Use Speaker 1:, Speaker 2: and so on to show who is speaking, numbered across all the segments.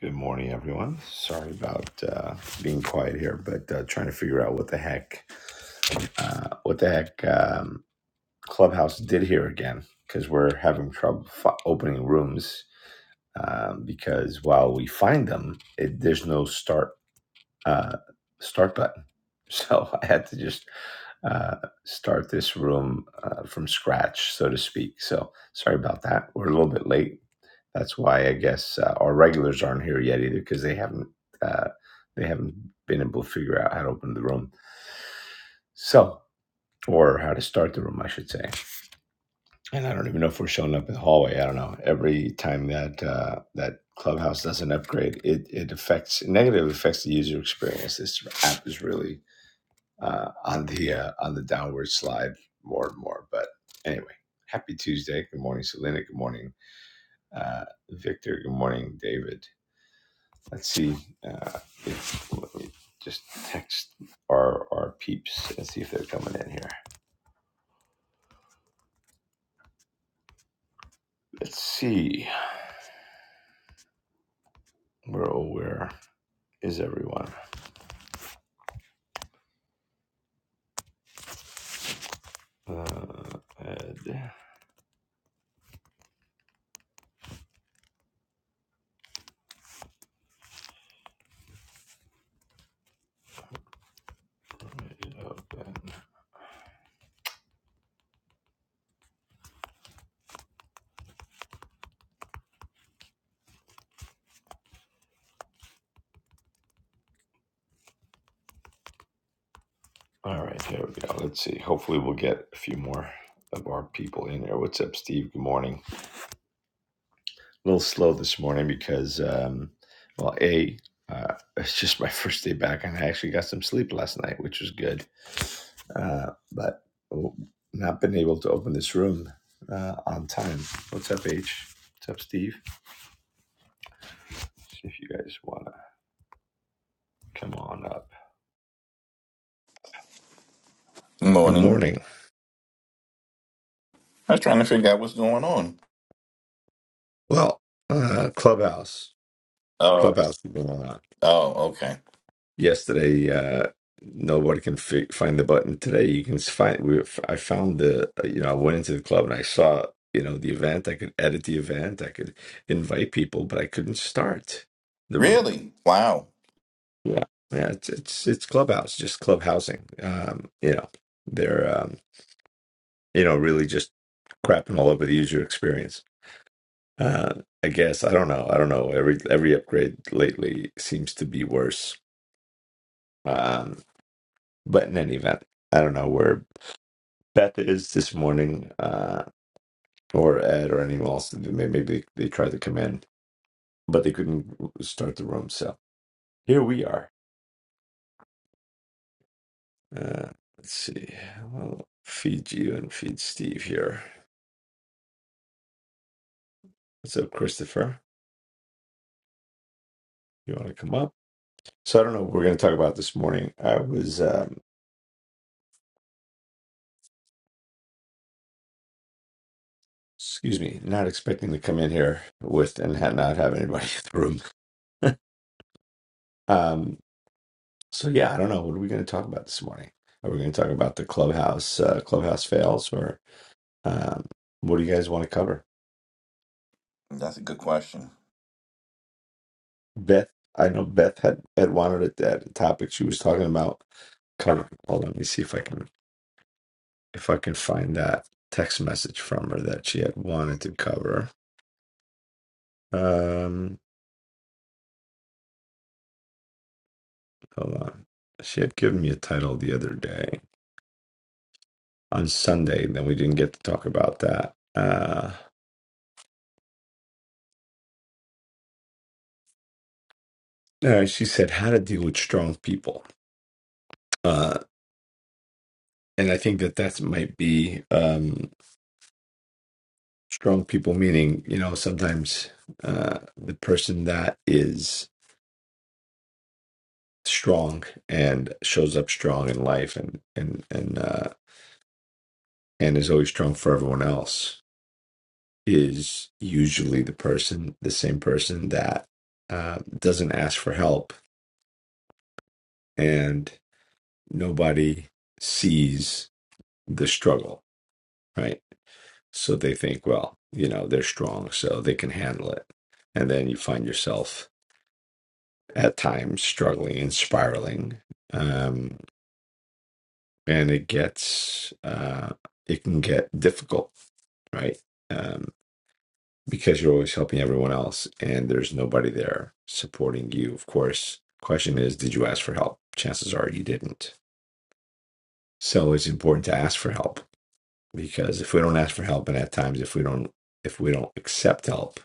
Speaker 1: Good morning, everyone. Sorry about uh, being quiet here, but uh, trying to figure out what the heck, uh, what the heck um, Clubhouse did here again, because we're having trouble f- opening rooms. Um, because while we find them, it, there's no start uh, start button. So I had to just uh, start this room uh, from scratch, so to speak. So sorry about that. We're a little bit late that's why I guess uh, our regulars aren't here yet either because they haven't uh, they haven't been able to figure out how to open the room. So, or how to start the room, I should say. And I don't even know if we're showing up in the hallway. I don't know. Every time that uh, that Clubhouse doesn't upgrade, it it affects negative affects the user experience. This app is really uh, on the uh, on the downward slide more and more. But anyway, happy Tuesday. Good morning, Selena. Good morning, uh, Victor. Good morning, David. Let's see uh, if let me just text our our peeps and see if they're coming in here. Let's see where oh where is everyone? Uh, Ed, open. All right, here we go. Let's see. Hopefully, we'll get a few more of our people in here. What's up, Steve? Good morning. a little slow this morning because, um, well, a uh, it's just my first day back, and I actually got some sleep last night, which was good. Uh, but oh, not been able to open this room uh, on time. What's up, H? What's up, Steve? See if you guys want to come on up. Good
Speaker 2: Morning.
Speaker 1: morning.
Speaker 2: I was trying to figure out what's going on.
Speaker 1: Well, uh, Clubhouse,
Speaker 2: Oh,
Speaker 1: Clubhouse, is going on.
Speaker 2: oh, okay.
Speaker 1: yesterday uh nobody can fi find the button today you can s- find we i found the uh, you know i went into the club and i saw you know the event i could edit the event i could invite people but i couldn't start the room
Speaker 2: Really? Wow.
Speaker 1: yeah yeah it's it's, it's clubhouse just clubhousing um you know they're um you know really just crapping all over the user experience uh i guess i don't know i don't know every every upgrade lately seems to be worse um but in any event I don't know. We're Beth is this morning, uh, or Ed, or anyone else. May- Maybe they, they tried to come in, but they couldn't start the room. So here we are. Uh, let's see. I'll feed you and feed Steve here. What's up, Christopher? You want to come up? So I don't know what we're going to talk about this morning. I was, um, excuse me, not expecting to come in here with and ha- not have anybody in the room. um, so yeah, I don't know. What are we going to talk about this morning? Are we going to talk about the clubhouse uh, clubhouse fails or? Um, what do you guys want to cover?
Speaker 2: That's a good question.
Speaker 1: Beth, I know Beth had, had wanted it that topic she was talking about covered. Hold on, let me see if I can if I can find that text message from her that she had wanted to cover. Um, hold on. She had given me a title the other day on Sunday, and then we didn't get to talk about that. Uh, all right, she said how to deal with strong people. Uh, and I think that that might be. Um, strong people meaning you know sometimes uh the person that is strong and shows up strong in life and and and uh and is always strong for everyone else is usually the person the same person that uh doesn't ask for help and nobody sees the struggle right so they think well you know they're strong so they can handle it and then you find yourself at times, struggling and spiraling. Um, and it gets, uh, it can get difficult, right? Um, because you're always helping everyone else and there's nobody there supporting you. Of course, question is, did you ask for help? Chances are you didn't. So it's important to ask for help because if we don't ask for help, and at times, if we don't, if we don't accept help,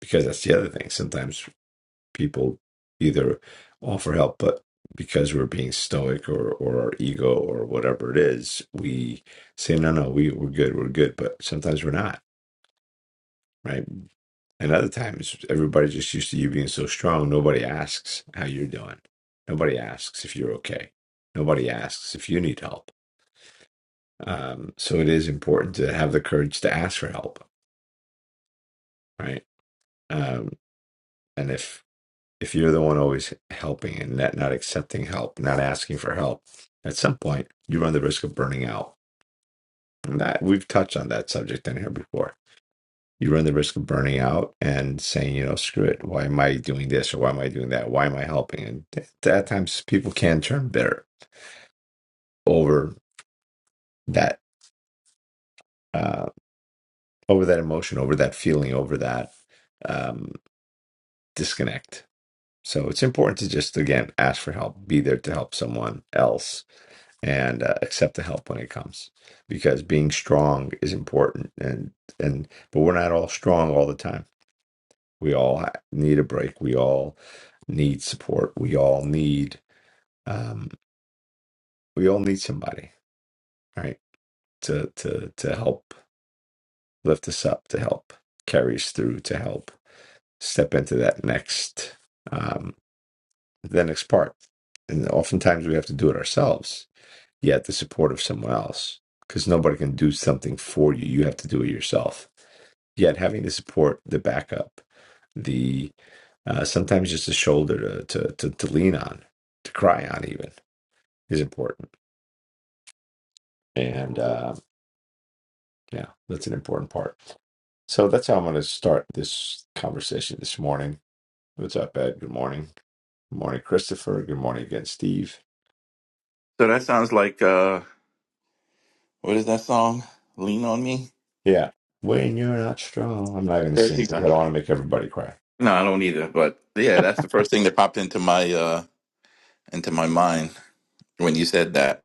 Speaker 1: because that's the other thing. Sometimes people either offer help, but because we're being stoic or, or our ego or whatever it is, we say, no, no, we, we're good, we're good. But sometimes we're not, right? And other times, everybody's just used to you being so strong. Nobody asks how you're doing. Nobody asks if you're okay. Nobody asks if you need help. Um, so it is important to have the courage to ask for help, right? Um, and if if you're the one always helping and not, not accepting help, not asking for help, at some point you run the risk of burning out. And that we've touched on that subject in here before. You run the risk of burning out and saying, you know, screw it. Why am I doing this or why am I doing that? Why am I helping? And th- at that times people can turn bitter over that, uh, over that emotion, over that feeling, over that um, disconnect. So it's important to just again ask for help, be there to help someone else and uh, accept the help when it comes because being strong is important and and but we're not all strong all the time we all ha- need a break we all need support we all need um we all need somebody right to to to help lift us up to help carry us through to help step into that next um the next part and oftentimes we have to do it ourselves you have the support of someone else because nobody can do something for you. You have to do it yourself. Yet having the support, the backup, the uh, sometimes just a shoulder to, to to to lean on, to cry on, even is important. And uh, yeah, that's an important part. So that's how I'm going to start this conversation this morning. What's up, Ed? Good morning. Good morning, Christopher. Good morning again, Steve.
Speaker 2: So that sounds like uh, what is that song? Lean on me.
Speaker 1: Yeah. When you're not strong, I'm not going to sing. I
Speaker 2: Yeah.
Speaker 1: don't want to make everybody cry.
Speaker 2: No, I don't either. But yeah, that's the first thing that popped into my uh into my mind when you said that.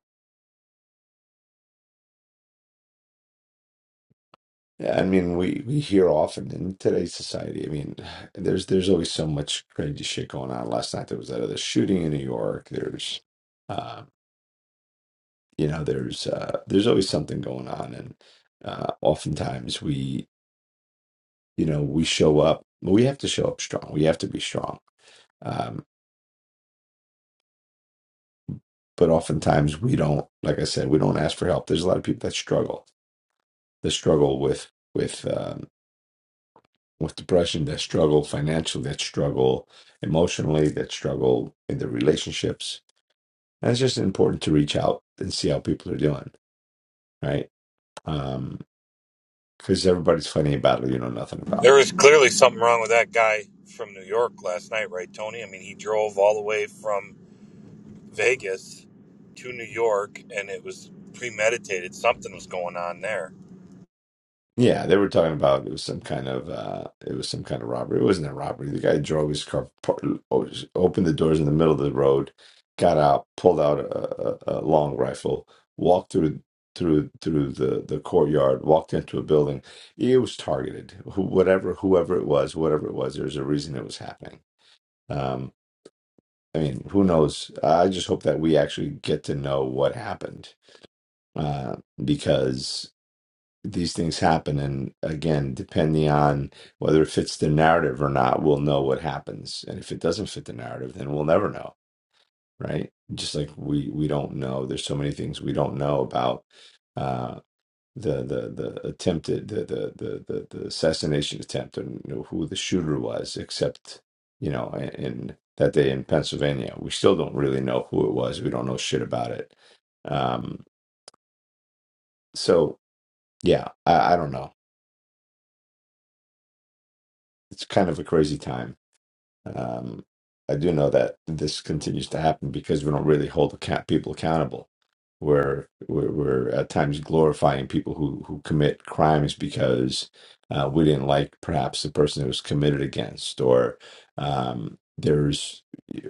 Speaker 1: Yeah, I mean, we we hear often in today's society. I mean, there's there's always so much crazy shit going on. Last night there was that other shooting in New York. There's, uh, you know, there's uh, there's always something going on, and uh, oftentimes we, you know, we show up. well, We have to show up strong. We have to be strong. Um, but oftentimes we don't, like I said, we don't ask for help. There's a lot of people that struggle. They struggle with with. Um, with depression that struggle financially that struggle emotionally that struggle in their relationships and it's just important to reach out and see how people are doing right um because everybody's fighting a battle you know nothing about
Speaker 3: There was clearly something wrong with that guy from New York last night, right, Tony? I mean, he drove all the way from Vegas to New York, and it was premeditated. Something was going on there.
Speaker 1: yeah, they were talking about it was some kind of uh it was some kind of robbery. It wasn't a robbery. The guy drove his car, par- o- opened the doors in the middle of the road, got out, pulled out a, a, a long rifle, walked through through through the the courtyard, walked into a building. It was targeted. Who, whatever, whoever it was, whatever it was, there's a reason it was happening. Um, I mean, who knows? I just hope that we actually get to know what happened uh, because these things happen and again depending on whether it fits the narrative or not we'll know what happens and if it doesn't fit the narrative then we'll never know right just like we we don't know there's so many things we don't know about uh the the the attempted the the the the, the assassination attempt and you know, who the shooter was except you know in, in that day in Pennsylvania we still don't really know who it was we don't know shit about it um so yeah I, I don't know it's kind of a crazy time Um, I do know that this continues to happen because we don't really hold account- people accountable. We're, we're we're at times glorifying people who who commit crimes because uh, we didn't like perhaps the person it was committed against, or um, there's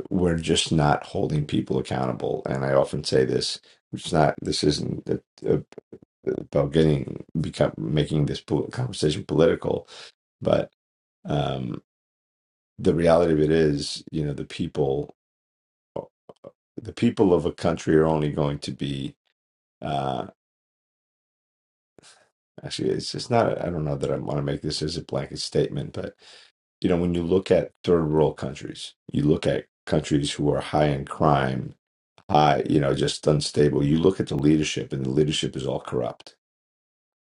Speaker 1: we're just not holding people accountable. And I often say this: it's not this isn't uh, uh, about getting become making this po- conversation political, but. um, the reality of it is, you know, the people, the people of a country are only going to be. Uh, actually, it's it's not. I don't know that I want to make this as a blanket statement, but you know, when you look at third world countries, you look at countries who are high in crime, high, you know, just unstable. You look at the leadership, and the leadership is all corrupt,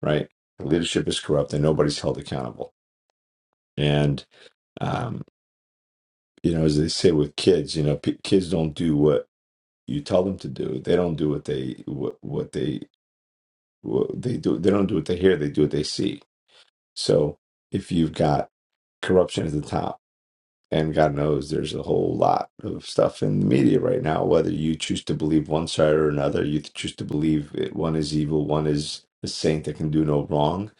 Speaker 1: right? The leadership is corrupt, and nobody's held accountable. And um, you know, as they say with kids, you know, p- kids don't do what you tell them to do they don't do what they what, what they what they do they don't do what they hear they do what they see so if you've got corruption at the top and god knows there's a whole lot of stuff in the media right now whether you choose to believe one side or another you choose to believe it, one is evil one is a saint that can do no wrong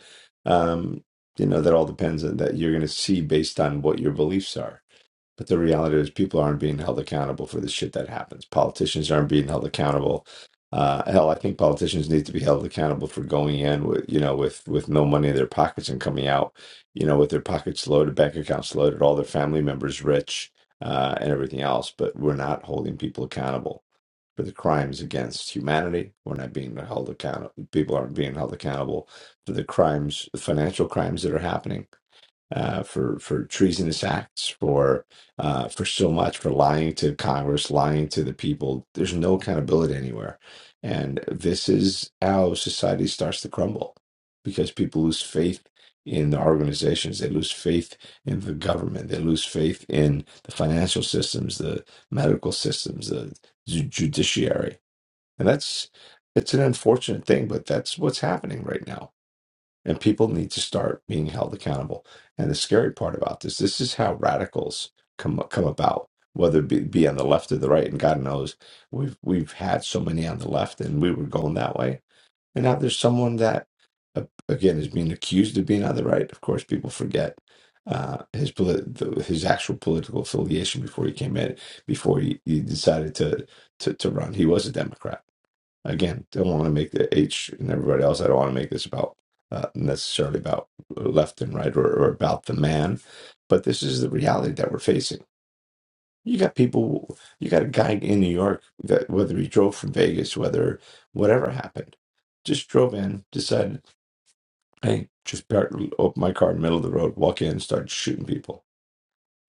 Speaker 1: um you know that all depends on that you're going to see based on what your beliefs are but the reality is, people aren't being held accountable for the shit that happens. Politicians aren't being held accountable. Uh, hell, I think politicians need to be held accountable for going in with, you know, with with no money in their pockets and coming out, you know, with their pockets loaded, bank accounts loaded, all their family members rich, uh, and everything else. But we're not holding people accountable for the crimes against humanity. We're not being held accountable. People aren't being held accountable for the crimes, the financial crimes that are happening uh, for for treasonous acts, for uh, for so much, for lying to Congress, lying to the people. There's no accountability anywhere, and this is how society starts to crumble because people lose faith in the organizations, they lose faith in the government, they lose faith in the financial systems, the medical systems, the ju- judiciary, and that's it's an unfortunate thing, but that's what's happening right now and people need to start being held accountable. And the scary part about this, this is how radicals come come about, whether it be, be on the left or the right. And God knows we've we've had so many on the left, and we were going that way, and now there's someone that uh, again is being accused of being on the right. Of course, people forget. Uh, his polit- the, his actual political affiliation before he came in, before he, he decided to, to to run, he was a Democrat Again, don't want to make the H and everybody else. I don't want to make this about uh, necessarily about left and right or, or about the man, but this is the reality that we're facing. You got people, you got a guy in New York that whether he drove from Vegas, whether whatever happened, just drove in, decided, hey, just park, open my car in the middle of the road, walk in, start shooting people.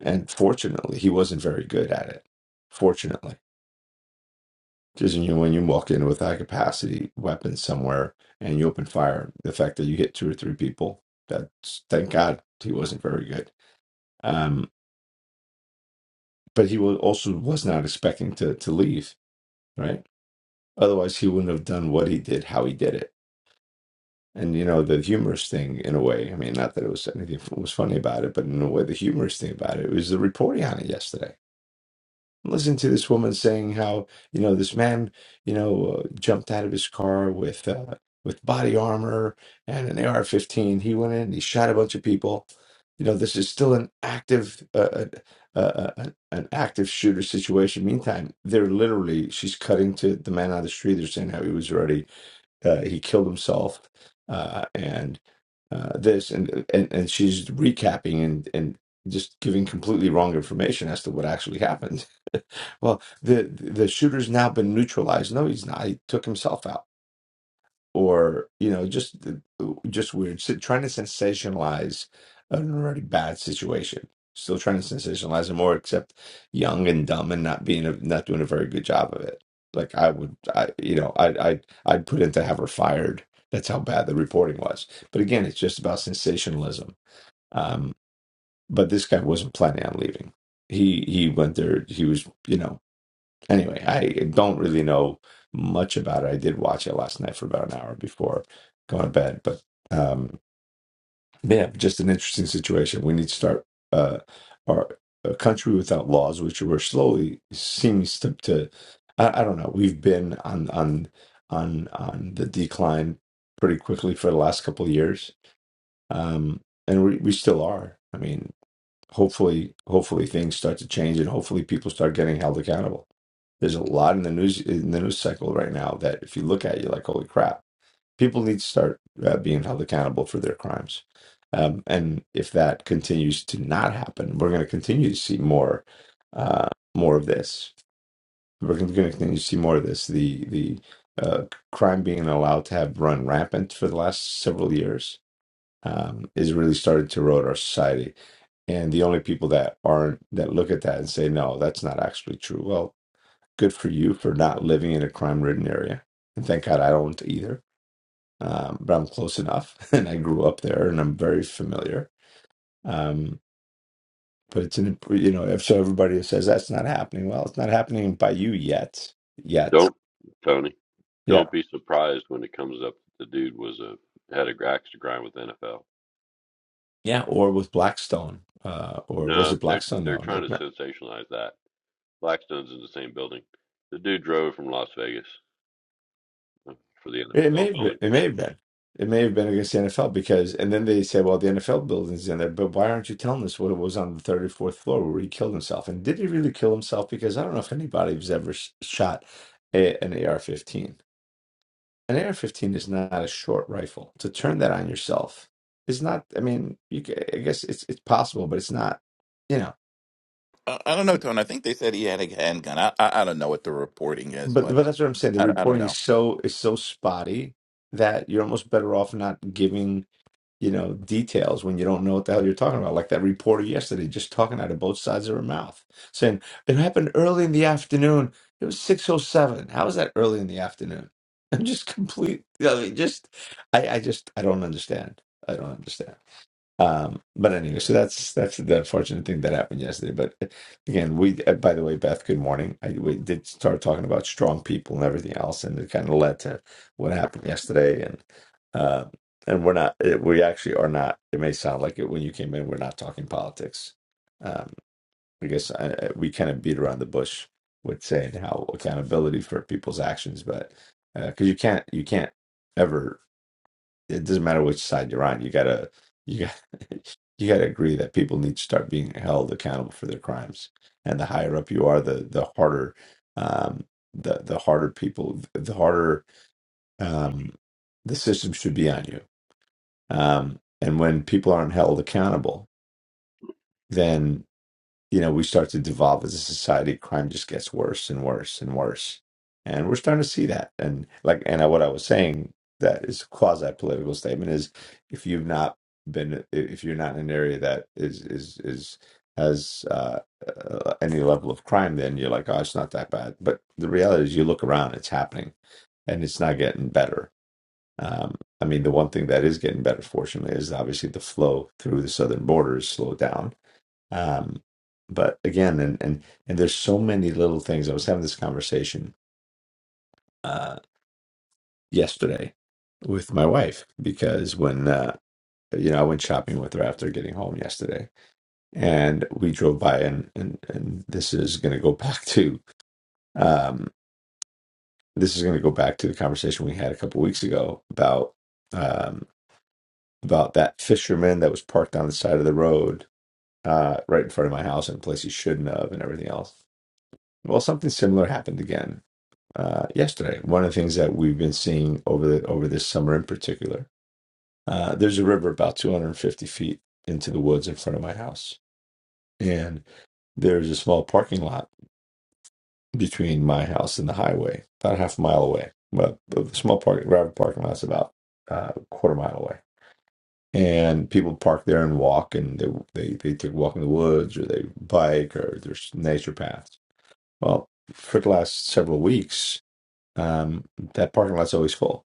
Speaker 1: And fortunately, he wasn't very good at it. Fortunately. Just you know, when you walk in with high capacity weapons somewhere and you open fire, the fact that you hit two or three people, that's thank God he wasn't very good. Um, but he was also was not expecting to to leave, right? Otherwise, he wouldn't have done what he did, how he did it. And you know, the humorous thing in a way, I mean, not that it was anything f- was funny about it, but in a way, the humorous thing about it was the reporting on it yesterday Listen to this woman saying how you know this man you know uh, jumped out of his car with uh, with body armor and an AR-15. He went in and he shot a bunch of people. You know this is still an active uh, uh, uh, uh, an active shooter situation. Meantime, they're literally she's cutting to the man on the street. They're saying how he was already uh, he killed himself, uh, and uh, this and, and and she's recapping and and just giving completely wrong information as to what actually happened. well, the the shooter's now been neutralized. No, he's not. He took himself out or you know just just weird so trying to sensationalize an already bad situation still trying to sensationalize it more except young and dumb and not being a, not doing a very good job of it like i would i you know i i i'd I'd put in to have her fired that's how bad the reporting was but again it's just about sensationalism um but this guy wasn't planning on leaving he he went there he was you know Anyway, I don't really know much about it. I did watch it last night for about an hour before going to bed, but um, yeah, just an interesting situation. We need to start uh, our a country without laws, which we're slowly seems to, to I, I don't know. We've been on on on on the decline pretty quickly for the last couple of years, um, and we we still are. I mean hopefully hopefully things start to change and hopefully people start getting held accountable there's a lot in the news in the news cycle right now that if you look at you're like holy crap people need to start uh, being held accountable for their crimes um, and if that continues to not happen we're going to continue to see more uh, more of this we're going to continue to see more of this the the uh, crime being allowed to have run rampant for the last several years um, is really starting to erode our society and the only people that aren't that look at that and say, no, that's not actually true. Well, good for you for not living in a crime ridden area. And thank God I don't either. Um, but I'm close enough and I grew up there and I'm very familiar. Um, but it's an, you know, if so everybody says that's not happening, well, it's not happening by you yet. Yet.
Speaker 4: Don't Tony,
Speaker 1: Yeah.
Speaker 4: don't be surprised when it comes up that the dude was a had a axe to grind with the NFL.
Speaker 1: Yeah. Or with Blackstone. Uh, or was
Speaker 4: No,
Speaker 1: it
Speaker 4: they're
Speaker 1: Blackstone?
Speaker 4: they're trying
Speaker 1: No.
Speaker 4: to sensationalize that. Blackstone's in the same building. The dude drove from Las Vegas uh, for the
Speaker 1: It may
Speaker 4: NFL
Speaker 1: have been,
Speaker 4: building.
Speaker 1: it may have been. It may have been against the NFL because, and then they say, well, the NFL building's in there, but why aren't you telling us what it was on the 34th floor where he killed himself? And did he really kill himself? Because I don't know if anybody has ever s- shot a, an AR 15. An AR 15 is not a short rifle. To turn that on yourself is not, I mean, you, ca- I guess it's, it's possible, but it's not, you know.
Speaker 2: I, I don't know, Tone. I think they said he had a handgun. I I, I don't know what the reporting is,
Speaker 1: But,
Speaker 2: but
Speaker 1: but that's what I'm saying. The
Speaker 2: I, I don't
Speaker 1: reporting
Speaker 2: know.
Speaker 1: is so is so spotty that you're almost better off not giving you know, details when you don't know what the hell you're talking about. Like that reporter yesterday, just talking out of both sides of her mouth, saying it happened early in the afternoon. It was six oh seven. How is that early in the afternoon? I'm just complete. I mean, just I, I just I don't understand. I don't understand. Um, but anyway, so that's that's the unfortunate thing that happened yesterday. But uh, again, we uh, by the way, Beth, good morning. I, we did start talking about strong people and everything else, and it kind of led to what happened yesterday. And uh, and we're not, it, we actually are not. It may sound like it when you came in. We're not talking politics. Um, I guess I, I- we kind of beat around the bush with saying how accountability for people's actions, but because you can't, you can't ever it doesn't matter which side you're on. You gotta you got you gotta agree that people need to start being held accountable for their crimes. And the higher up you are, the the harder um, the the harder people the harder um, the system should be on you. Um, and when people aren't held accountable, then you know, we start to devolve as a society, crime just gets worse and worse and worse. And we're starting to see that. And like, and I, what I was saying that is a quasi political statement is if you've not been, if you're not in an area that is, is, is, has uh, uh, any level of crime, then you're like, oh, it's not that bad. But the reality is, you look around, it's happening and it's not getting better. Um, I mean, the one thing that is getting better, fortunately, is obviously the flow through the southern border is slowed down um, but again, and and and there's so many little things. I was having this conversation uh, yesterday with my wife because when uh, you know I went shopping with her after getting home yesterday, and we drove by, and and, and this is going to go back to um, this is going to go back to the conversation we had a couple weeks ago about um, about that fisherman that was parked on the side of the road uh, right in front of my house in a place he shouldn't have, and everything else. Well, something similar happened again uh, yesterday. One of the things that we've been seeing over the over this summer in particular, uh, there's a river about 250 feet into the woods in front of my house, and there's a small parking lot between my house and the highway, about half a mile away. Well, the small park, private parking lot's about uh, a quarter mile away, and people park there and walk, and they they they take a walk in the woods or they bike or there's nature paths. Well, for the last several weeks, um, that parking lot's always full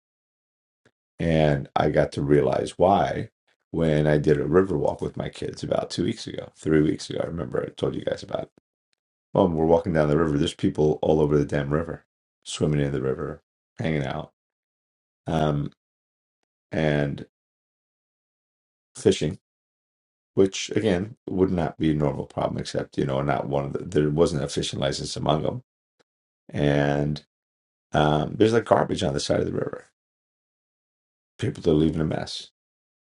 Speaker 1: And I got to realize why when I did a river walk with my kids about two weeks ago, three weeks ago. I remember I told you guys about it. Well, we're walking down the river. There's people all over the damn river, swimming in the river, hanging out, um, and fishing, which again would not be a normal problem, except, you know, not one of the, there wasn't a fishing license among them. And um, there's like garbage on the side of the river. People are leaving a mess.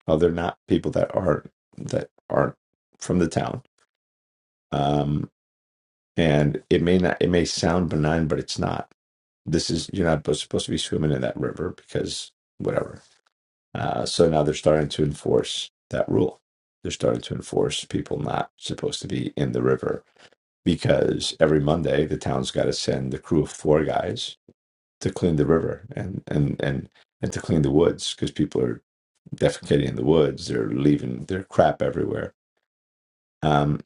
Speaker 1: Oh, they're not people that aren't, that aren't from the town. Um, and it may not it may sound benign but it's not this is you're not supposed to be swimming in that river because whatever uh, so now they're starting to enforce that rule they're starting to enforce people not supposed to be in the river because every monday the town's got to send the crew of four guys to clean the river and and and and to clean the woods because people are defecating in the woods they're leaving their crap everywhere Um,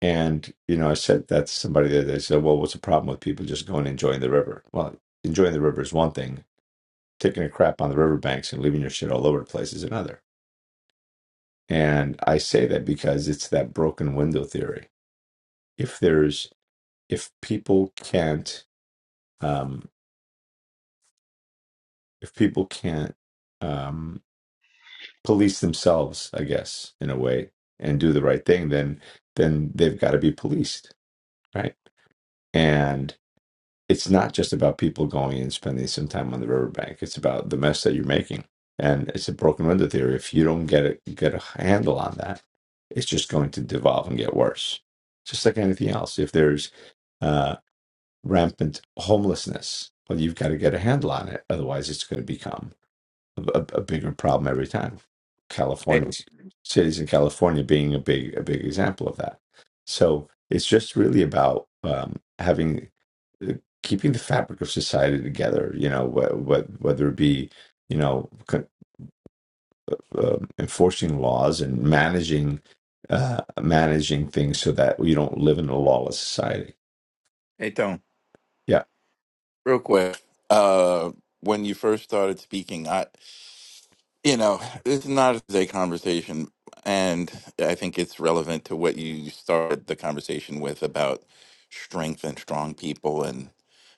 Speaker 1: And, you know, I said that to somebody the They said, well, what's the problem with people just going and enjoying the river? Well, enjoying the river is one thing, taking a crap on the riverbanks and leaving your shit all over the place is another. And I say that because it's that broken window theory. If there's, if people can't, um, if people can't um, police themselves, I guess, in a way, and do the right thing, then then they've got to be policed, right? it's not just about people going and spending some time on the riverbank. It's about the mess that you're making. And it's a broken window theory. If you don't get a, get a handle on that, it's just going to devolve and get worse. Just like anything else. If there's uh, rampant homelessness, well, you've got to get a handle on it. Otherwise, it's going to become a, a, a bigger problem every time.
Speaker 2: Hey,
Speaker 1: California, cities in California being a big, a big example of that. So it's just really about um, having keeping the fabric of society together. You know, wh- wh- whether it be you know c- um enforcing laws and managing uh, managing things so that you don't live in a lawless society.
Speaker 2: hey, Tone.
Speaker 1: Yeah,
Speaker 2: Real quick. Uh, when you first started speaking, I you know, it's not a today conversation, and I think it's relevant to what you started the conversation with about strength and strong people, and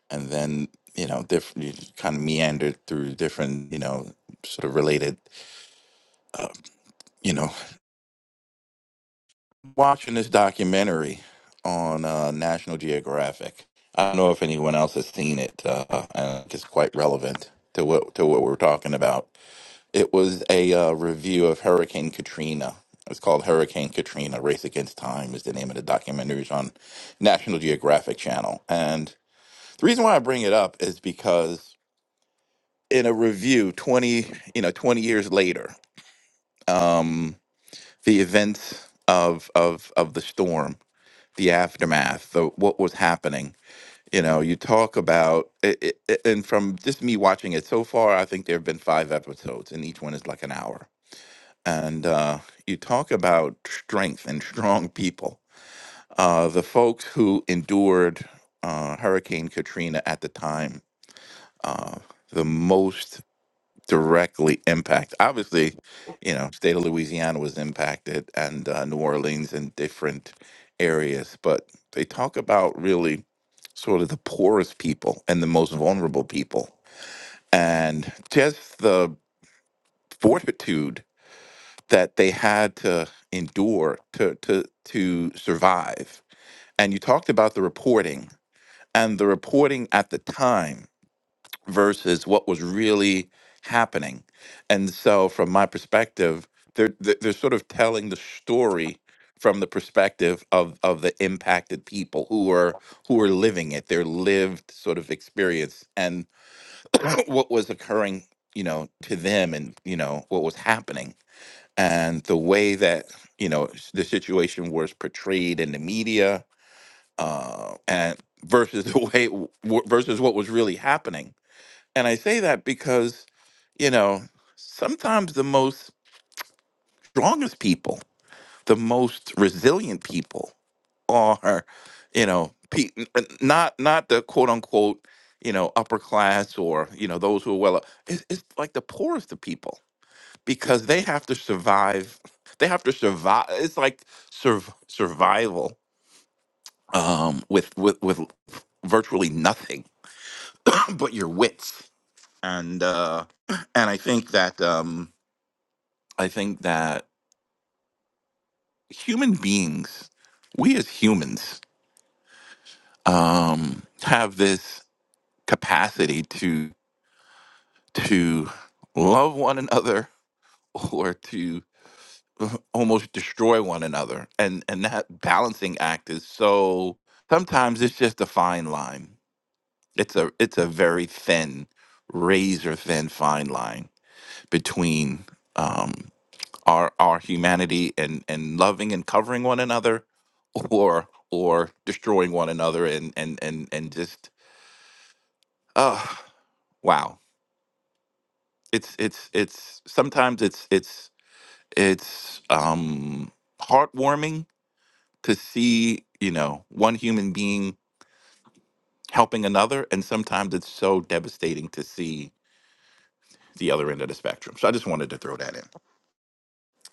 Speaker 2: and then you know, different you kind of meandered through different you know, sort of related, uh, you know, watching this documentary on uh, National Geographic. I don't know if anyone else has seen it. Uh, I think it's quite relevant to what to what we're talking about It was a uh, review of Hurricane Katrina. It's called Hurricane Katrina: Race Against Time is the name of the documentary. It's on National Geographic Channel. And the reason why I bring it up is because in a review, twenty you know twenty years later, um, the events of of of the storm, the aftermath, the what was happening. You know, you talk about, it, it, and from just me watching it so far, I think there have been five episodes, and each one is like an hour and uh, you talk about strength and strong people. Uh, the folks who endured uh, Hurricane Katrina at the time, uh, the most directly impacted. Obviously, you know, state of Louisiana was impacted, and uh, New Orleans and different areas. But they talk about really sort of the poorest people and the most vulnerable people, and just the fortitude that they had to endure to to to survive. And you talked about the reporting and the reporting at the time versus what was really happening. And so, from my perspective, they're they're they're sort of telling the story from the perspective of of the impacted people who are who are living it, their lived sort of experience, and what was occurring, you know, to them, and you know what was happening and the way that you know the situation was portrayed in the media uh, and versus the way w- versus what was really happening and i say that because you know sometimes the most strongest people the most resilient people are you know pe- n- n- not not the quote unquote you know upper class or you know those who are well it's, it's like the poorest of people because they have to survive. They have to survive. It's like sur- survival um, with with with virtually nothing but your wits. And uh, and I think that um, I think that human beings, we as humans, um, have this capacity to to love one another or to almost destroy one another and and that balancing act is so sometimes it's just a fine line it's a it's a very thin razor thin fine line between um our our humanity and and loving and covering one another or or destroying one another and and and and just uh wow it's it's it's sometimes it's it's it's um heartwarming to see, you know, one human being helping another. And sometimes it's so devastating to see the other end of the spectrum. So I just wanted to throw that in.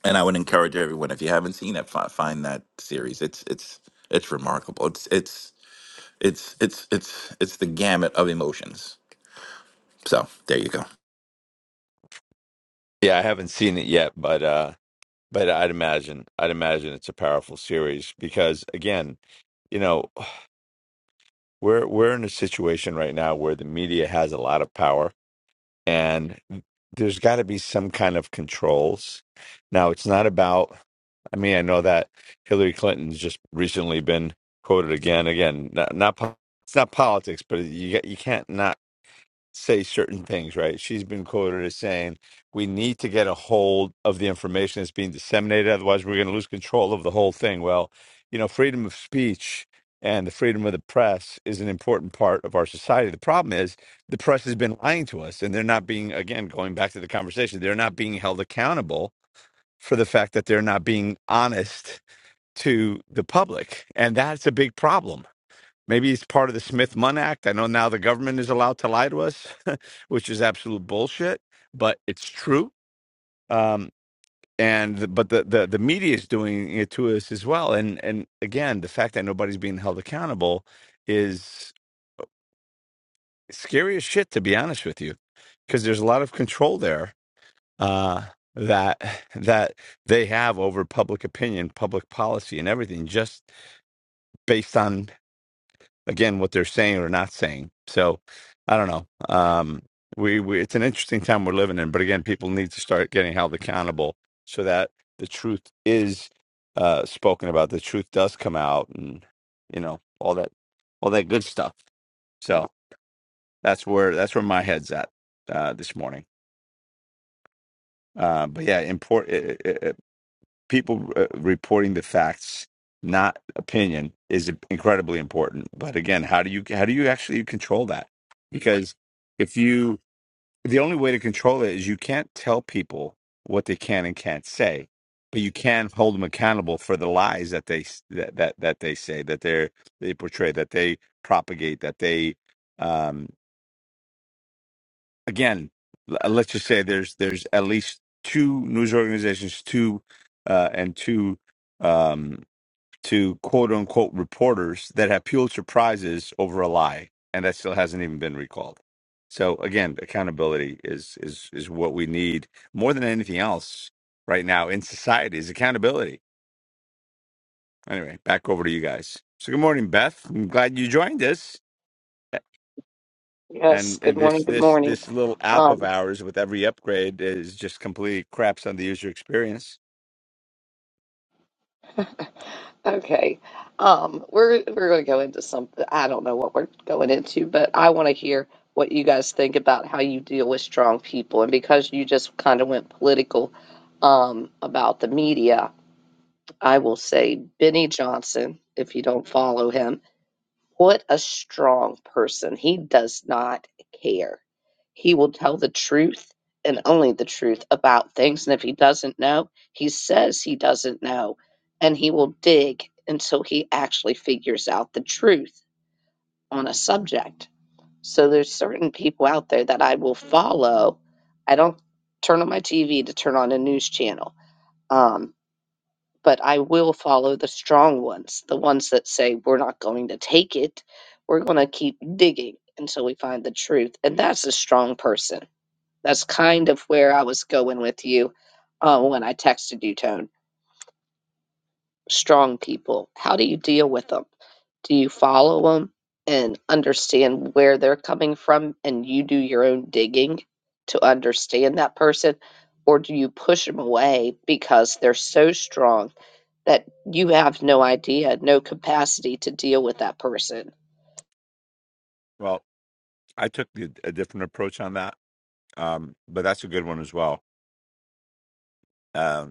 Speaker 2: And I would encourage everyone, if you haven't seen it, fi- find that series. It's it's it's remarkable. It's it's it's it's it's it's the gamut of emotions. So there you go.
Speaker 1: Yeah, I haven't seen it yet, but uh but I'd imagine I'd imagine it's a powerful series because again, you know, we're we're in a situation right now where the media has a lot of power and there's got to be some kind of controls. Now, it's not about, I mean, I know that Hillary Clinton's just recently been quoted again, again, not, not po- it's not politics, but you, you can't not say certain things, right? She's been quoted as saying, we need to get a hold of the information that's being disseminated. Otherwise, we're going to lose control of the whole thing. Well, you know, freedom of speech and the freedom of the press is an important part of our society. The problem is the press has been lying to us, and they're not being, again, going back to the conversation, they're not being held accountable for the fact that they're not being honest to the public. And that's a big problem Maybe it's part of the Smith Munn Act. I know now the government is allowed to lie to us, which is absolute bullshit, but it's true. Um, and but the, the the media is doing it to us as well. And and again, the fact that nobody's being held accountable is scary as shit, to be honest with you, because there's a lot of control there uh, that that they have over public opinion, public policy, and everything, just based on again what they're saying or not saying. So I don't know. Um, we, we it's an interesting time we're living in, but again, people need to start getting held accountable so that the truth is uh, spoken about. The truth does come out, and you know all that all that good stuff. So that's where that's where my head's at uh, this morning. Uh, but yeah, important people uh, reporting the facts, not opinion, is incredibly important. But again, how do you how do you actually control that? Because if you the only way to control it is you can't tell people what they can and can't say, but you can hold them accountable for the lies that they s- that that, that they say that they they portray that they propagate that they um, again l- uh, let's just say there's there's at least two news organizations two uh, and two um to quote unquote reporters that have Pulitzer prizes over a lie, and that still hasn't even been recalled. So again, accountability is is is what we need more than anything else right now in society is accountability. Anyway, back over to you guys. So good morning, Beth. I'm glad you joined us.
Speaker 5: Yes,
Speaker 1: And uh,
Speaker 5: good morning.
Speaker 1: this
Speaker 5: Good
Speaker 1: this
Speaker 5: morning.
Speaker 1: this little app of
Speaker 5: Um,
Speaker 1: ours with every upgrade is just completely craps on the user experience.
Speaker 5: okay. Um, we're we're going to go into something. I don't know what we're going into, but I want to hear what you guys think about how you deal with strong people. And because you just kind of went political um, about the media, I will say Benny Johnson, if you don't follow him. What a strong person. He does not care. He will tell the truth and only the truth about things. And if he doesn't know, he says he doesn't know. And he will dig until he actually figures out the truth on a subject. So there's certain people out there that I will follow. I don't turn on my TV to turn on a news channel. Um, but I will follow the strong ones, the ones that say, we're not going to take it, we're going to keep digging until we find the truth. And that's a strong person. That's kind of where I was going with you uh, when I texted you, Tone. Strong people, how do you deal with them? Do you follow them and understand where they're coming from and you do your own digging to understand that person? Or do you push them away because they're so strong? that you have no idea, no capacity to deal with that person.
Speaker 1: Well, I took the, a different approach on that, um, but that's a good one as well Um,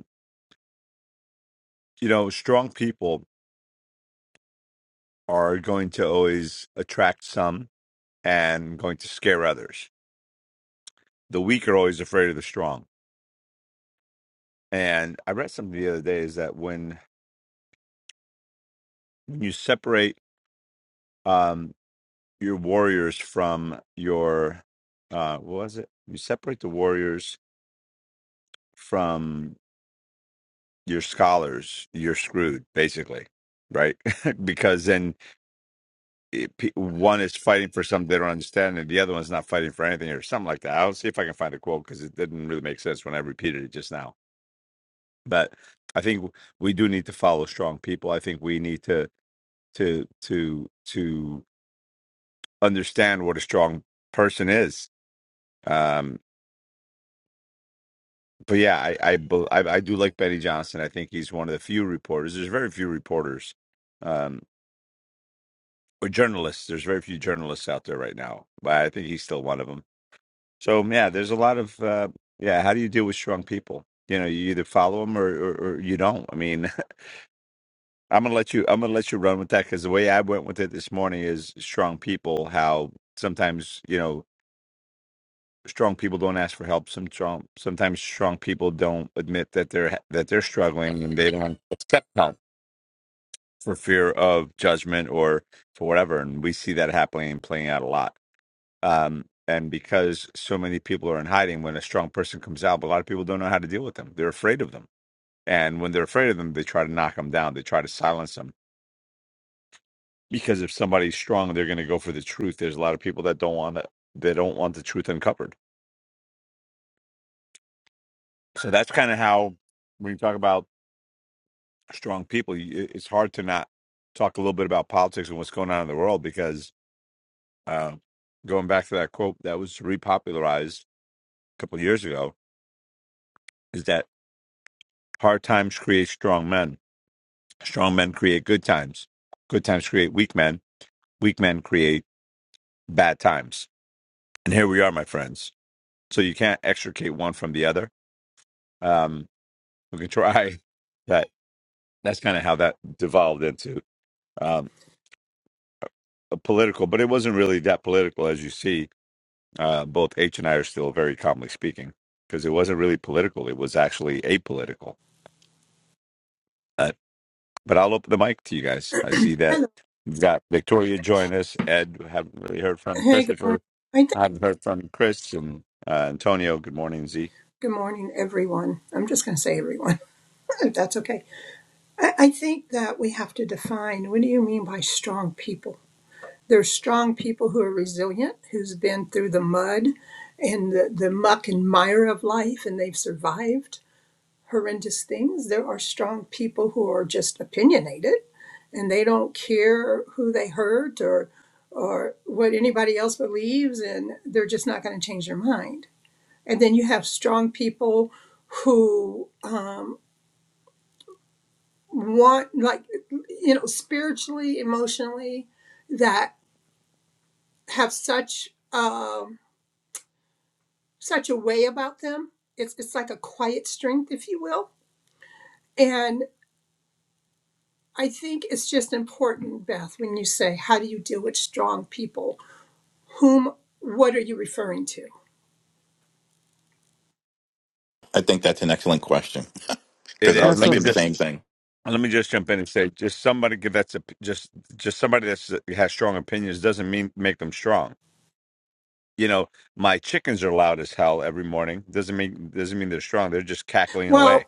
Speaker 1: you know, strong people are going to always attract some and going to scare others. The weak are always afraid of the strong. And I read something the other day is that when when you separate um, your warriors from your uh, what was it? You separate the warriors from your scholars, you're screwed, basically, right? because then it, pe- one is fighting for something they don't understand, and the other one's not fighting for anything or something like that. I'll see if I can find a quote because it didn't really make sense when I repeated it just now. But I think we do need to follow strong people. I think we need to to to to understand what a strong person is. Um, but yeah, I I, bel- I I do like Benny Johnson. I think he's one of the few reporters. There's very few reporters um, or journalists. There's very few journalists out there right now, but I think he's still one of them So um, yeah, there's a lot of uh, yeah. How do you deal with strong people? You know, you either follow them or, or, or you don't. I mean, I'm gonna let you. I'm gonna let you run with that because the way I went with it this morning is strong people. How sometimes you know strong people don't ask for help. Some strong, sometimes strong people don't admit that they're that they're struggling and they don't accept help for fear of judgment or for whatever. And we see that happening and playing out a lot. um, and because so many people are in hiding when a strong person comes out but a lot of people don't know how to deal with them they're afraid of them and when they're afraid of them they try to knock them down they try to silence them because if somebody's strong they're going to go for the truth there's a lot of people that don't want to they don't want the truth uncovered so that's kind of how when you talk about strong people you- it's hard to not talk a little bit about politics and what's going on in the world because uh, going back to that quote that was repopularized a couple of years ago is that hard times create strong men Strong men create good times. Good times create weak men. Weak men create bad times. And here we are, my friends. So you can't extricate one from the other. Um, we can try that. That's kind of how that devolved into um, a political, but it wasn't really that political, as you see. Uh, both H and I are still very calmly speaking because it wasn't really political. It was actually apolitical. Uh, but I'll open the mic to you guys. I see that
Speaker 6: Hello.
Speaker 1: we've got Victoria join us. Ed, haven't really heard from
Speaker 6: Hey, good
Speaker 1: Christopher.
Speaker 6: morning. I think
Speaker 1: I've heard from Chris and uh, Antonio. Good morning, Z.
Speaker 6: good morning, everyone. I'm just going to say everyone, if that's okay. I, I think that we have to define what do you mean by strong people? There's strong people who are resilient, who's been through the mud and the, the muck and mire of life, and they've survived horrendous things. There are strong people who are just opinionated and they don't care who they hurt or or what anybody else believes and they're just not going to change their mind and then you have strong people who um, want like you know spiritually emotionally that have such um, such a way about them it's, it's like a quiet strength if you will and i think it's just important beth when you say how do you deal with strong people whom what are you referring to
Speaker 2: I think that's an excellent question
Speaker 1: It
Speaker 2: because I
Speaker 7: I
Speaker 1: is.
Speaker 2: was
Speaker 1: Let me
Speaker 7: also.
Speaker 2: thinking the
Speaker 1: just
Speaker 2: same thing.
Speaker 1: let me just jump in and say, just somebody give that's a, just just somebody that's uh, has strong opinions doesn't mean make them strong. You know, my chickens are loud as hell every morning. Doesn't mean doesn't mean they're strong. They're just cackling
Speaker 6: well
Speaker 1: away.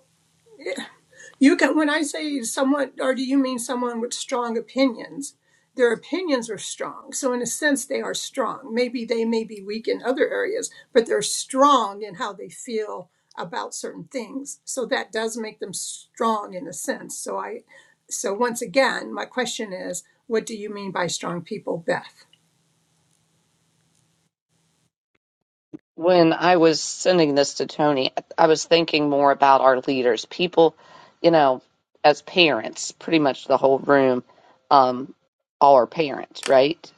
Speaker 6: You can, when I say someone, or do you mean someone with strong opinions? Their opinions are strong. So, in a sense, they are strong. Maybe they may be weak in other areas, but they're strong in how they feel about certain things. So, that does make them strong in a sense. So, I, so once again, my question is, what do you mean by strong people, Beth?
Speaker 5: When I was sending this to Tony, I was thinking more about our leaders, people, you know, as parents, pretty much the whole room, um, all are parents, right?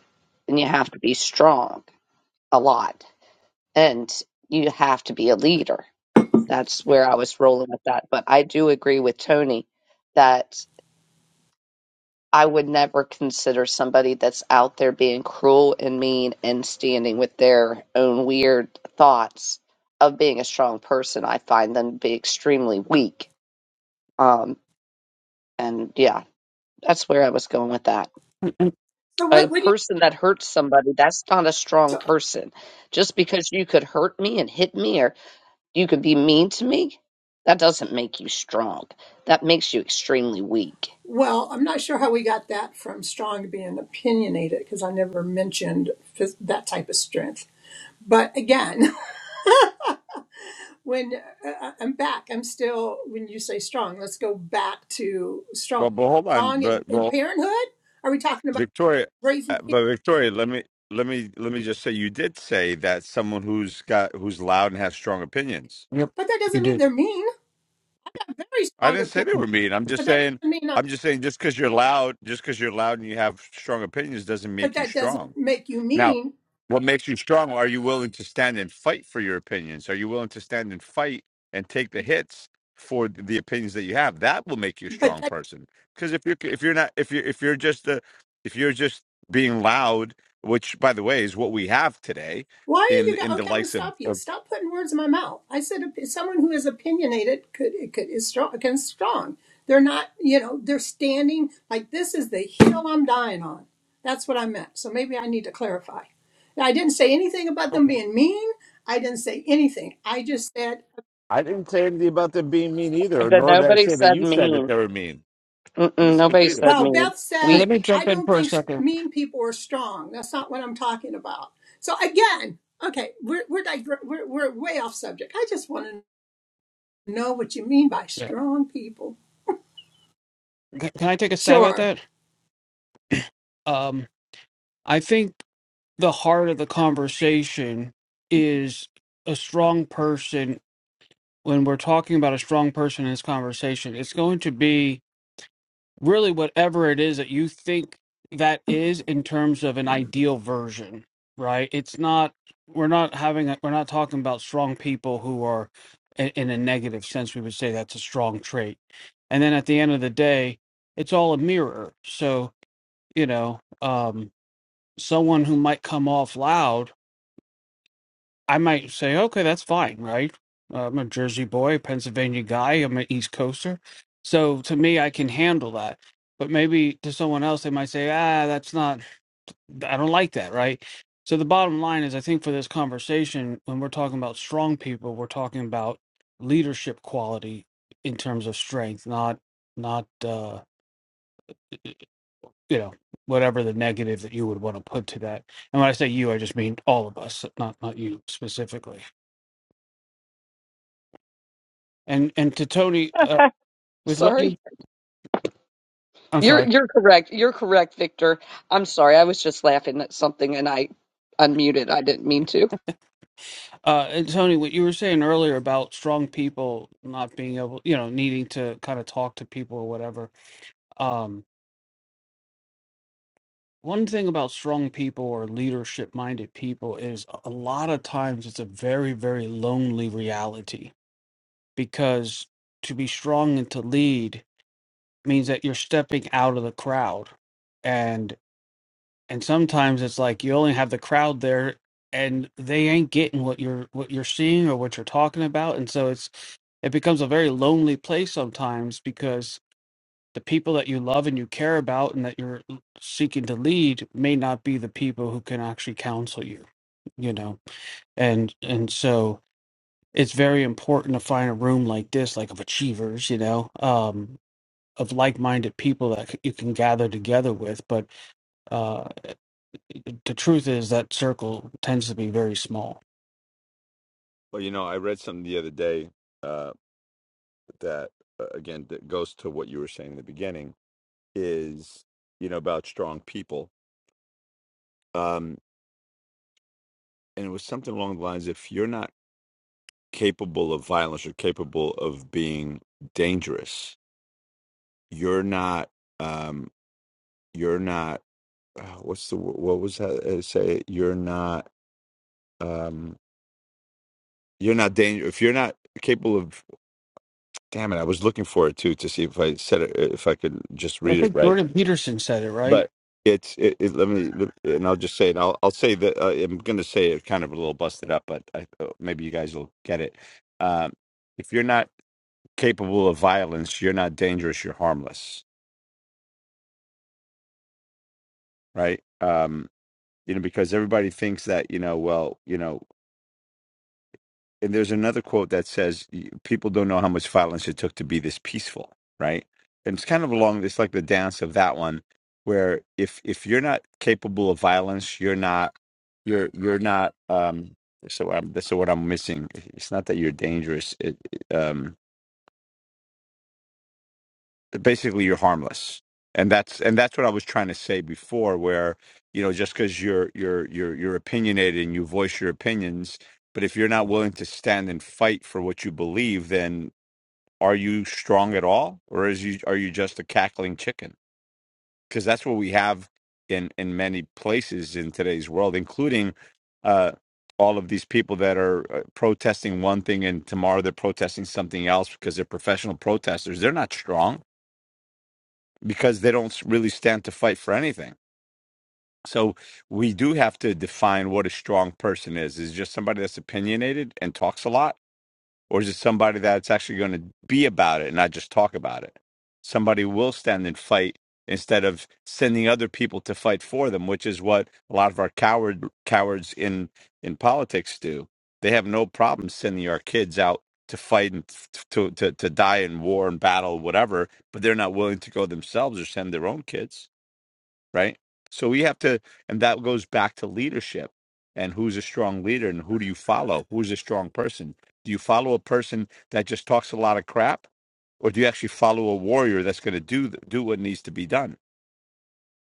Speaker 5: And you have to be strong a lot, and you have to be a leader. That's where I was rolling with that. But I do agree with Tony that I would never consider somebody that's out there being cruel and mean and standing with their own weird thoughts of being a strong person. I find them to be extremely weak. Um, and yeah, that's where I was going with that.
Speaker 6: So,
Speaker 5: A
Speaker 6: what would you,
Speaker 5: person that hurts somebody, that's not a strong
Speaker 6: so,
Speaker 5: person. Just because you could hurt me and hit me or you could be mean to me, that doesn't make you strong. That makes you extremely weak.
Speaker 6: well, I'm not sure how we got that from strong being opinionated because I never mentioned phys- that type of strength. But again, when uh, uh, uh, I'm back, I'm still, when you say strong, let's go back to strong.
Speaker 1: But but hold on.
Speaker 6: Strong in,
Speaker 1: But
Speaker 6: in
Speaker 1: well,
Speaker 6: parenthood? Are we talking about
Speaker 1: Victoria, uh,
Speaker 6: raising kids?
Speaker 1: but Victoria, let me let me let me just say, you did say that someone who's got who's loud and has strong opinions.
Speaker 7: Yep,
Speaker 6: But that
Speaker 7: you
Speaker 6: doesn't mean
Speaker 7: did.
Speaker 6: they're mean. I have very
Speaker 1: I
Speaker 6: strong
Speaker 1: didn't say
Speaker 6: opinion.
Speaker 1: they
Speaker 7: Mm.
Speaker 1: were mean. I'm just
Speaker 6: But that
Speaker 1: saying,
Speaker 6: doesn't mean, I,
Speaker 1: I'm just saying, just because you're loud, just because you're loud and you have strong opinions, doesn't
Speaker 6: but
Speaker 1: make you
Speaker 6: that
Speaker 1: strong.
Speaker 6: doesn't make you
Speaker 1: Now,
Speaker 6: mean.
Speaker 1: what makes you strong? Are you willing to stand and fight for your opinions? Are you willing to stand and fight and take the hits for the opinions that you have? That will make you a
Speaker 6: But
Speaker 1: strong person. Because if you're if you're not if you're if you're just a, if you're just being loud, which by the way is what we have today
Speaker 6: Why are
Speaker 1: in
Speaker 6: you?
Speaker 1: in
Speaker 6: go-
Speaker 1: the
Speaker 6: Okay, I'm gonna
Speaker 1: likes of,
Speaker 6: stop you.
Speaker 1: of
Speaker 6: Stop putting words in my mouth. I said someone who is opinionated could could is strong. Can strong. They're not. You know, they're standing like this is the hill I'm dying on. That's what I meant. So maybe I need to clarify. Now, I didn't say anything about them
Speaker 1: okay,
Speaker 6: being mean. I didn't say anything. I just said,
Speaker 1: I didn't say anything about them being mean either,
Speaker 5: But
Speaker 1: nor did I
Speaker 5: nobody
Speaker 1: say that
Speaker 5: said
Speaker 1: you said that
Speaker 5: mean.
Speaker 1: they were mean. I
Speaker 5: Mm-mm,
Speaker 1: didn't say it
Speaker 5: nobody
Speaker 1: either.
Speaker 5: said
Speaker 6: well,
Speaker 5: mean.
Speaker 6: Beth said,
Speaker 7: Let me
Speaker 5: Weak.
Speaker 6: I
Speaker 7: jump in
Speaker 6: don't
Speaker 7: for a
Speaker 6: think s-
Speaker 7: second.
Speaker 6: mean people are strong. That's not what I'm talking about. So again, okay, we're we're, digre- we're, we're way off subject. I just want to. know what you mean by
Speaker 7: Yeah.
Speaker 6: strong people.
Speaker 7: C- Can I take a stab at
Speaker 6: Sure.
Speaker 7: that? Um, I think the heart of the conversation is a strong person. When we're talking about a strong person in this conversation, it's going to be really whatever it is that you think that is in terms of an ideal version right it's not we're not having a, we're not talking about strong people who are in, in a negative sense we would say that's a strong trait and then at the end of the day it's all a mirror so you know um someone who might come off loud I might say, okay, that's fine, right? Uh, I'm a Jersey boy, Pennsylvania guy, I'm an East Coaster. So to me, I can handle that. But maybe to someone else, they might say, ah, that's not, I don't like that, right? So the bottom line is, I think for this conversation, when we're talking about strong people, we're talking about leadership quality in terms of strength, not, not, uh, you know, whatever the negative that you would want to put to that. And when I say you, I just mean all of us, not, not you specifically. And and to Tony, uh, with what
Speaker 5: Sorry.
Speaker 7: you, I'm
Speaker 5: You're
Speaker 7: sorry,
Speaker 5: you're correct. You're correct, Victor. I'm sorry. I was just laughing at something and I unmuted. I didn't mean to.
Speaker 7: uh, and Tony, what you were saying earlier about strong people not being able, you know, needing to kind of talk to people or whatever. Um, one thing about strong people or leadership-minded people is a lot of times it's a very, very lonely reality because to be strong and to lead means that you're stepping out of the crowd and sometimes it's like you only have the crowd there and they ain't getting what you're what you're seeing or what you're talking about and so it's it becomes a very lonely place sometimes because the people that you love and you care about and that you're seeking to lead may not be the people who can actually counsel you you know and and so it's very important to find a room like this like of achievers you know um of like-minded people that you can gather together with but uh, the truth is that circle tends to be very small.
Speaker 1: Well, you know, I read something the other day uh, that, uh, again, that goes to what you were saying in the beginning. is you know about strong people um and it was something along the lines if you're not capable of violence or capable of being dangerous you're not um you're not uh, what's the wo- what was that uh, say you're not um you're not dangerous if you're not capable of damn it i was looking for it too to see if i said it if i could just
Speaker 7: I
Speaker 1: read it
Speaker 7: think
Speaker 1: right
Speaker 7: Jordan Peterson said it right.
Speaker 1: but it's it, it let me and i'll just say it i'll, I'll say that uh, i'm going to say it kind of a little busted up but I, uh, maybe you guys will get it um, if you're not capable of violence you're not dangerous you're harmless right um, you know because everybody thinks that you know well you know and there's another quote that says y- people don't know how much violence it took to be this peaceful right and it's kind of along this like the dance of that one where if if you're not capable of violence you're not you're you're not um so I'm, that's the word i'm missing it's not that you're dangerous it, it, um basically you're harmless and that's and that's what i was trying to say before where you know just because you're you're you're you're opinionated and you voice your opinions but if you're not willing to stand and fight for what you believe, then are you strong at all or is you are you just a cackling chicken because that's what we have in in many places in today's world including uh all of these people that are uh, protesting one thing and tomorrow they're protesting something else because they're professional protesters they're not strong because they don't really stand to fight for anything so we do have to define what a strong person is is it just somebody that's opinionated and talks a lot or is it somebody that's actually going to be about it and not just talk about it? Somebody will stand and fight instead of sending other people to fight for them, which is what a lot of our coward cowards in in politics do. They have no problem sending our kids out to fight and f- to to to die in war and battle, whatever, but they're not willing to go themselves or send their own kids right? So we have to, and that goes back to leadership and who's a strong leader and who do you follow? Who's a strong person? Do you follow a person that just talks a lot of crap, or do you actually follow a warrior that's going to do th- do what needs to be done?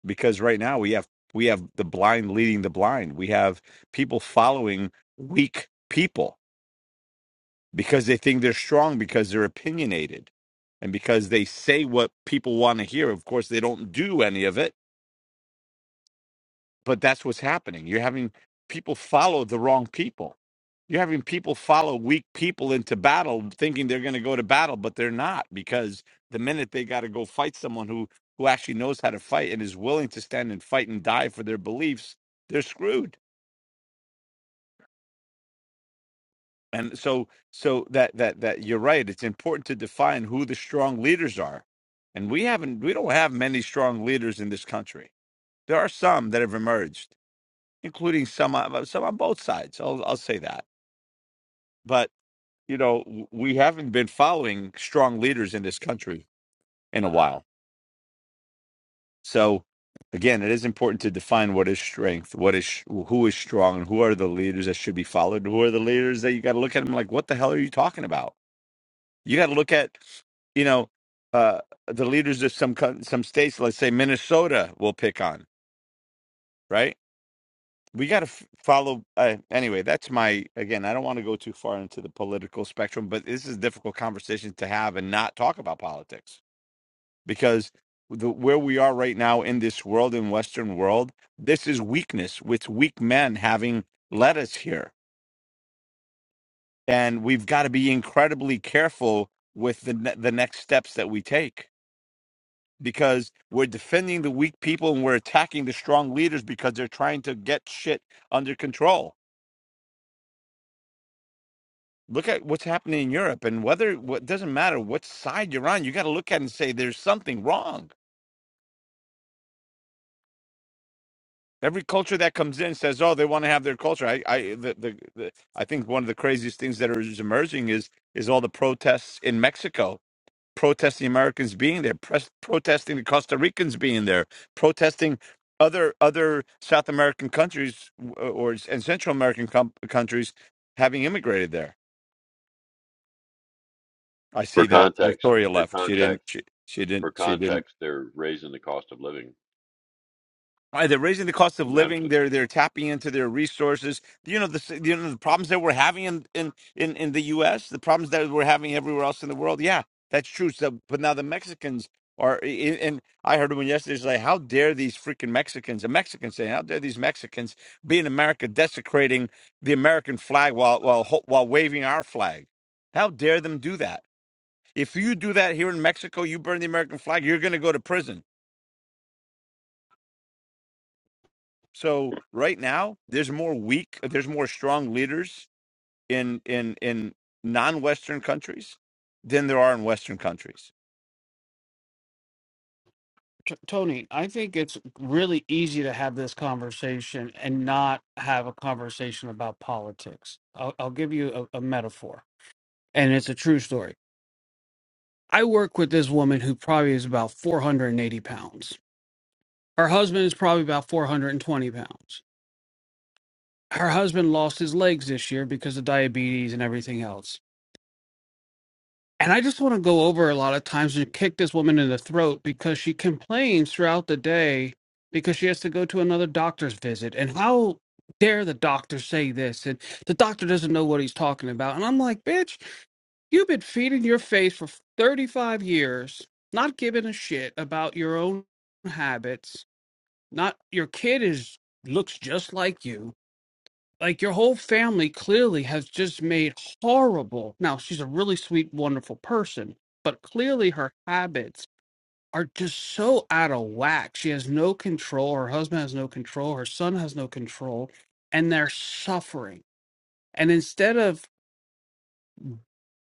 Speaker 1: Because right now we have we have the blind leading the blind. We have people following weak people because they think they're strong because they're opinionated and because they say what people want to hear. Of course, they don't do any of it but that's what's happening. You're having people follow the wrong people. You're having people follow weak people into battle, thinking they're going to go to battle, but they're not because the minute they got to go fight someone who who actually knows how to fight and is willing to stand and fight and die for their beliefs, they're screwed. And so, so that that that you're right. It's important to define who the strong leaders are, and we haven't we don't have many strong leaders in this country. There are some that have emerged, including some on- some on both sides. I'll I'll say that but you know w- we haven't been following strong leaders in this country in a while so again it is important to define what is strength what is sh- who is strong and who are the leaders that should be followed who are the leaders that you got to look at them like what the hell are you talking about you got to look at you know uh the leaders of some coun- some states let's say minnesota will pick on right we got to f- follow uh, anyway that's my again i don't want to go too far into the political spectrum but this is a difficult conversation to have and not talk about politics because the, where we are right now in this world in western world this is weakness with weak men having led us here and we've got to be incredibly careful with the ne- the next steps that we take because we're defending the weak people and we're attacking the strong leaders because they're trying to get shit under control look at what's happening in europe and whether what doesn't matter what side you're on you got to look at it and say there's something wrong Every culture that comes in says, "Oh, they want to have their culture." I, I, the, the, the, I think one of the craziest things that is emerging is is all the protests in Mexico, protesting Americans being there, pres- protesting the Costa Ricans being there, protesting other other South American countries uh, or and Central American com- countries having immigrated there. I see
Speaker 4: For
Speaker 1: that
Speaker 4: context,
Speaker 1: Victoria
Speaker 4: for
Speaker 1: left. She didn't.
Speaker 4: context,
Speaker 1: She, she
Speaker 4: for
Speaker 1: didn't. She didn't.
Speaker 4: context, they're raising the cost of living
Speaker 1: Uh, They're raising the cost of living.
Speaker 4: dramatically.
Speaker 1: They're they're tapping into their resources. You know the s- you know the problems that we're having in in in, in the U.S. The problems that we're having everywhere else in the world. Yeah, that's true. So, but now the Mexicans are. i- i- And I heard one yesterday. It's like, how dare these freaking Mexicans? A Mexican saying, how dare these Mexicans be in America desecrating the American flag while while ho- while waving our flag? How dare them do that? If you do that here in Mexico, you burn the American flag. You're going to go to prison So right now, there's more weak, there's more strong leaders in in in non-Western countries than there are in Western countries.
Speaker 7: T- Tony, I think it's really easy to have this conversation and not have a conversation about politics. I'll, I'll give you a, a metaphor, and it's a true story. I work with this woman who probably is about 480 pounds. Her husband is probably about 420 pounds. Her husband lost his legs this year because of diabetes and everything else And I just want to go over a lot of times you kick this woman in the throat because she complains throughout the day because she has to go to another doctor's visit. And how dare the doctor say this? And the doctor doesn't know what he's talking about. And I'm like, bitch, you've been feeding your face for 35 years, not giving a shit about your own habits. Not your kid is looks just like you like your whole family clearly has just made horrible now she's a really sweet wonderful person but clearly her habits are just so out of whack she has no control her husband has no control her son has no control and they're suffering and instead of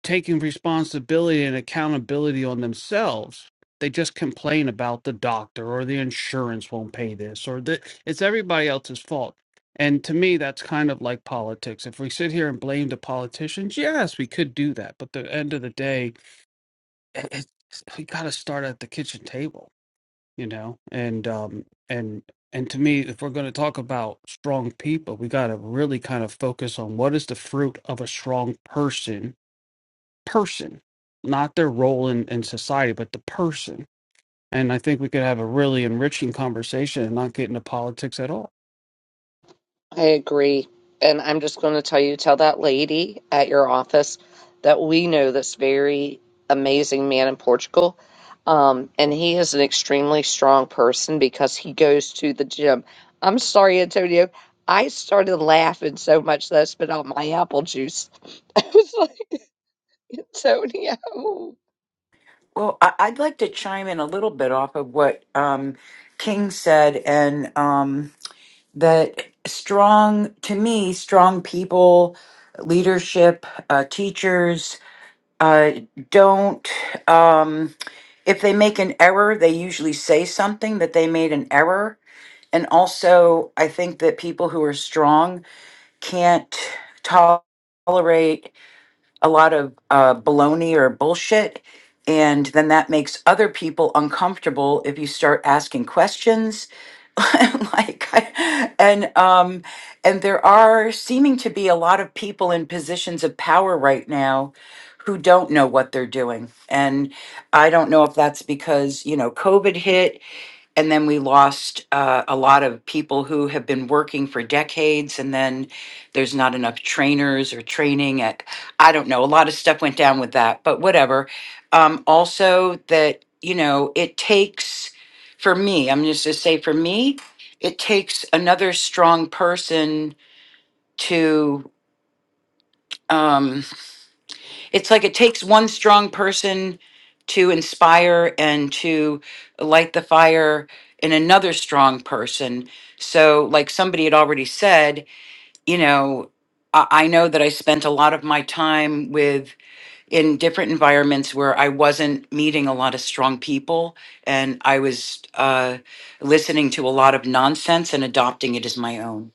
Speaker 7: taking responsibility and accountability on themselves. They just complain about the doctor or the insurance won't pay this or that it's everybody else's fault. And to me, that's kind of like politics. If we sit here and blame the politicians, yes, we could do that. But the end of the day, it, it's- we got to start at the kitchen table, you know. And um, and and to me, if we're going to talk about strong people, we got to really kind of focus on what is the fruit of a strong person person, not their role in, in society, but the person. And I think we could have a really enriching conversation and not get into politics at all.
Speaker 5: I agree. And I'm just going to tell you, tell that lady at your office that we know this very amazing man in Portugal. Um, and he is an extremely strong person because he goes to the gym. I'm sorry, Antonio. I started laughing so much that I spit out my apple juice. I was like, Antonio. Oh,
Speaker 8: Well, I- I'd like to chime in a little bit off of what um, King said, and um, that strong, to me, strong people, leadership, uh, teachers uh, don't, um, if they make an error, they usually say something that they made an error. And also, I think that people who are strong can't tolerate a lot of uh, baloney or bullshit. And then that makes other people uncomfortable if you start asking questions. like I- and um and there are seeming to be a lot of people in positions of power right now who don't know what they're doing and i don't know if that's because you know covid hit and then we lost uh, a lot of people who have been working for decades and then there's not enough trainers or training at i don't know a lot of stuff went down with that but whatever um, also that you know it takes for me i'm just to say for me it takes another strong person to um, it's like it takes one strong person to inspire and to light the fire in another strong person. So, like somebody had already said, you know, I, I know that I spent a lot of my time with in different environments where I wasn't meeting a lot of strong people and I was uh, listening to a lot of nonsense and adopting it as my own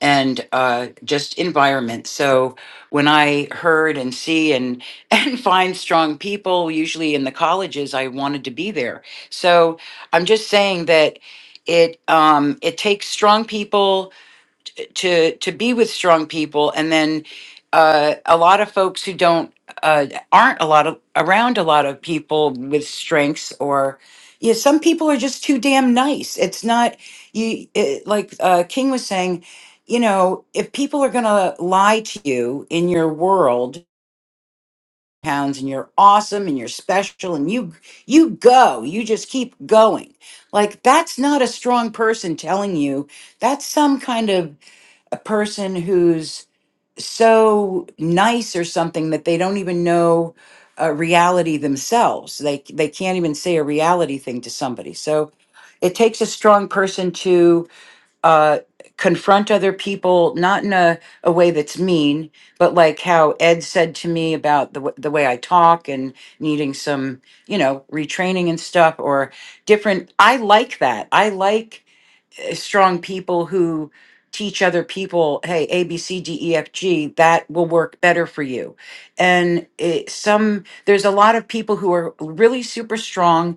Speaker 8: and uh, just environment. So when I heard and see and and find strong people, usually in the colleges, I wanted to be there. So I'm just saying that it um, it takes strong people to to be with strong people and then uh, a lot of folks who don't uh, aren't a lot of around a lot of people with strengths or yeah some people are just too damn nice it's not you it, like uh, king was saying you know if people are gonna lie to you in your world pounds and you're awesome and you're special and you you go you just keep going like that's not a strong person telling you that's some kind of a person who's so nice or something that they don't even know a reality themselves. They they can't even say a reality thing to somebody. So it takes a strong person to uh, confront other people, not in a, a way that's mean, but like how Ed said to me about the w- the way I talk and needing some, you know, retraining and stuff or different. I like that. I like strong people who teach other people, hey, A, B, C, D, E, F, G, that will work better for you. And it, some, there's a lot of people who are really super strong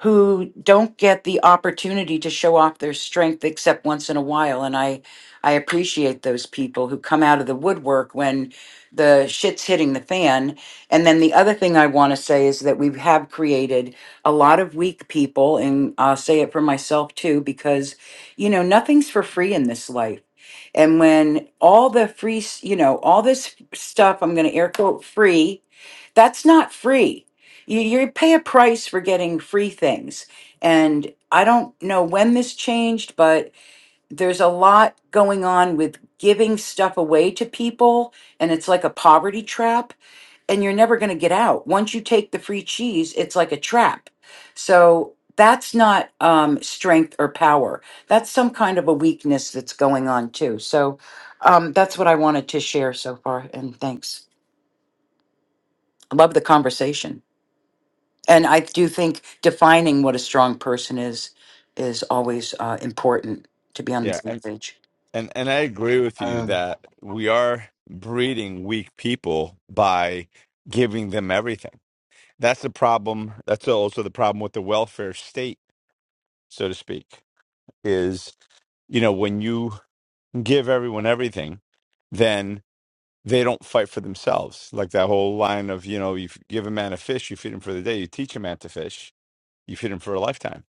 Speaker 8: who don't get the opportunity to show off their strength except once in a while and i i appreciate those people who come out of the woodwork when the shit's hitting the fan and then the other thing i want to say is that we have created a lot of weak people and i'll say it for myself too because you know nothing's for free in this life and when all the free s- you know all this stuff i'm going to air quote free that's not free. You, you pay a price for getting free things. And I don't know when this changed, but there's a lot going on with giving stuff away to people. And it's like a poverty trap. And you're never going to get out. Once you take the free cheese, it's like a trap. So that's not um, strength or power. That's some kind of a weakness that's going on too. So um, that's what I wanted to share so far. And thanks. I Love the conversation. And I do think defining what a strong person is is always uh, important to be on the
Speaker 1: Yeah,
Speaker 8: same
Speaker 1: and,
Speaker 8: page.
Speaker 1: and and I agree with you
Speaker 9: Um,
Speaker 1: that we are breeding weak people by giving them everything. That's the problem. That's also the problem with the welfare state, so to speak, is, you know, when you give everyone everything, they don't fight for themselves. Like that whole line of, you know, you f- give a man a fish, you feed him for the day, you teach a man to fish, you feed him for a lifetime.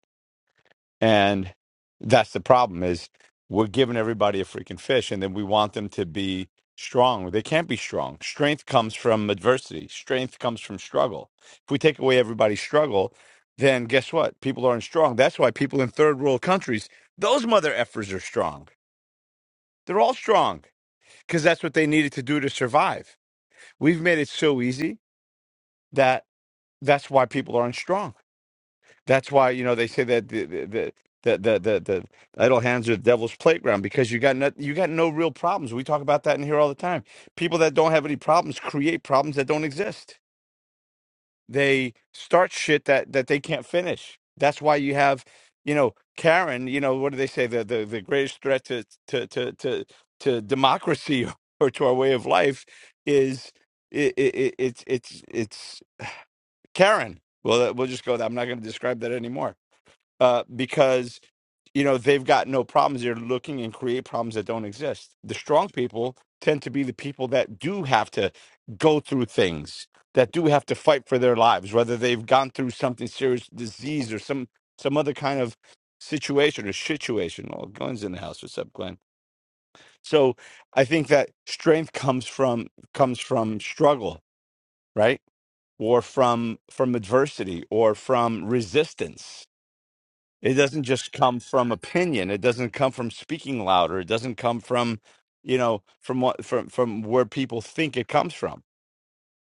Speaker 1: And that's the problem is we're giving everybody a freaking fish and then we want them to be strong. They can't be strong. Strength comes from adversity. Strength comes from struggle. If we take away everybody's struggle, then guess what? People aren't strong. That's why people in third world countries, those mother effers are strong. They're all strong because that's what they needed to do to survive. We've made it so easy that that's why people aren't strong. That's why you know they say that the the the the, the, the, the idle hands are the devil's playground because you got no, you got no real problems. We talk about that in here all the time. People that don't have any problems create problems that don't exist. They start shit that that they can't finish. That's why you have you know Karen. You know what do they say? The the, the greatest threat to to to to to democracy or to our way of life is it, it, it's it's it's Karen. Well, that- we'll just go. That I'm not going to describe that anymore uh, because you know they've got no problems. They're looking and create problems that don't exist. The strong people tend to be the people that do have to go through things that do have to fight for their lives, whether they've gone through something serious, disease or some some other kind of situation or situation. Well, Glenn's in the house. What's up, Glenn? So I think that strength comes from comes from struggle, right? or from from adversity or from resistance it doesn't just come from opinion it doesn't come from speaking louder it doesn't come from you know from what from from where people think it comes from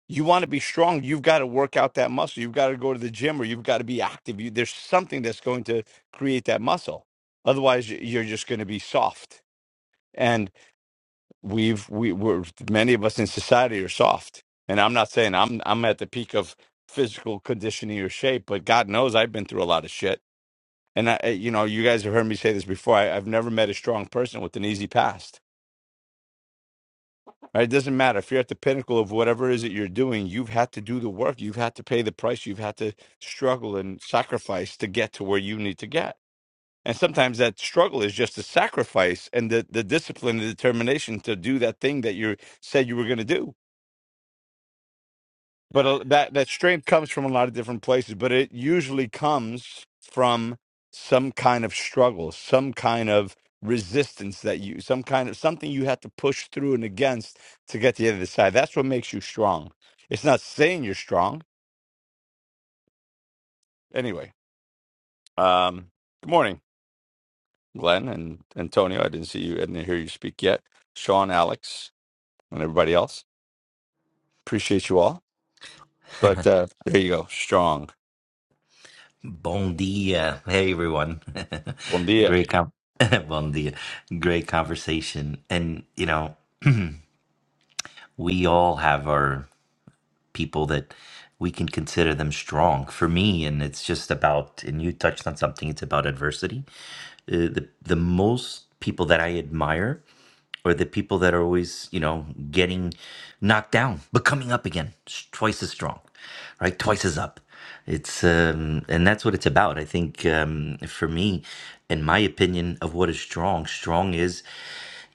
Speaker 1: you want to be strong you've got to work out that muscle you've got to go to the gym or you've got to be active you, there's something that's going to create that muscle otherwise y- you're just going to be soft and we've we we're many of us in society are soft and i'm not saying i'm i'm at the peak of physical conditioning or shape but god knows i've been through a lot of shit and i I- you know you guys have heard me say this before I, i've never met a strong person with an easy past right it doesn't matter if you're at the pinnacle of whatever it is that you're doing you've had to do the work you've had to pay the price you've had to struggle and sacrifice to get to where you need to get and sometimes that struggle is just a sacrifice and the, the discipline and determination to do that thing that you said you were going to do but uh, that that strength comes from a lot of different places but it usually comes from some kind of struggle some kind of resistance that you some kind of something you have to push through and against to get to the other side that's what makes you strong it's not saying you're strong anyway um good morning glenn and antonio i didn't see you i didn't hear you speak yet sean alex and everybody else appreciate you all but uh there you go strong
Speaker 10: Bon dia. Hey everyone.
Speaker 1: bon dia
Speaker 10: Great com bon dia. Great conversation. And you know, we all have our people that we can consider them strong. For me, and it's just about and you touched on something, it's about adversity uh, the the most people that I admire are the people that are always, you know, getting knocked down but coming up again, s- twice as strong, right? Twice as up. It's um, and that's what it's about. I think um, for me, in my opinion of what is strong, strong is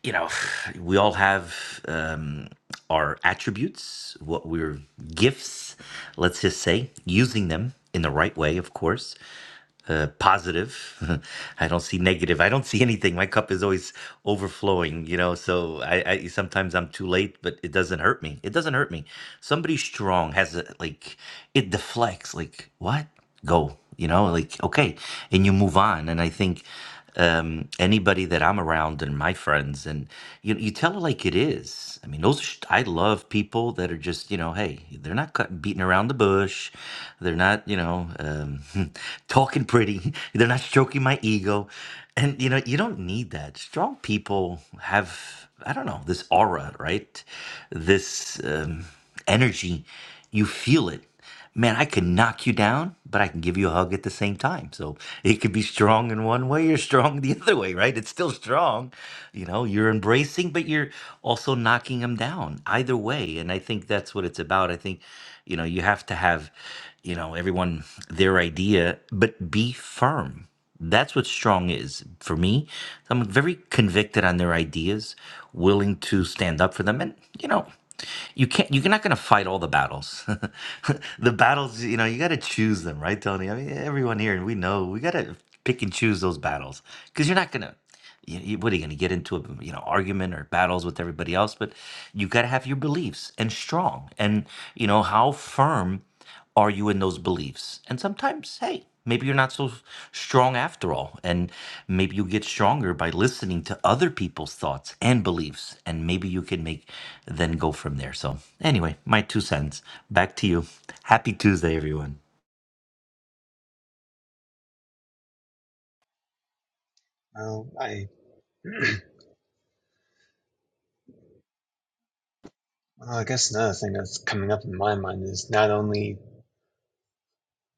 Speaker 10: you know, we all have um, our attributes, what we're gifts, let's just say, using them in the right way, of course, uh, positive. I don't see negative. I don't see anything. My cup is always overflowing, you know. So I, I sometimes I'm too late, but it doesn't hurt me. It doesn't hurt me. Somebody strong has a like it deflects. Like what? Go, you know. Like okay, and you move on. And I think um, anybody that I'm around and my friends, and you you tell it like it is. I mean, those are sh- I love people that are just you know, hey, they're not cut, beating around the bush, they're not you know um, talking pretty, they're not stroking my ego, and you know you don't need that. Strong people have I don't know this aura, right? This um, energy, you feel it man, I can knock you down, but I can give you a hug at the same time. So it could be strong in one way or strong the other way, right? It's still strong. You know, you're embracing, but you're also knocking them down either way. And I think that's what it's about. I think, you know, you have to have, you know, everyone their idea, but be firm. That's what strong is for me. So I'm very convicted on their ideas, willing to stand up for them, and you know, you can't. You're not going to fight all the battles. the battles, you know, you got to choose them, right, Tony? I mean, everyone here, we know we got to pick and choose those battles because you're not going to. You, you- what are you going to get into a you know argument or battles with everybody else? But you got to have your beliefs and strong, and you know how firm. Are you in those beliefs? And sometimes, hey, maybe you're not so strong after all. And maybe you get stronger by listening to other people's thoughts and beliefs. And maybe you can make then go from there. So, anyway, my two cents. Back to you. Happy Tuesday, everyone.
Speaker 9: well, I Well, I guess another thing that's coming up in my mind is not only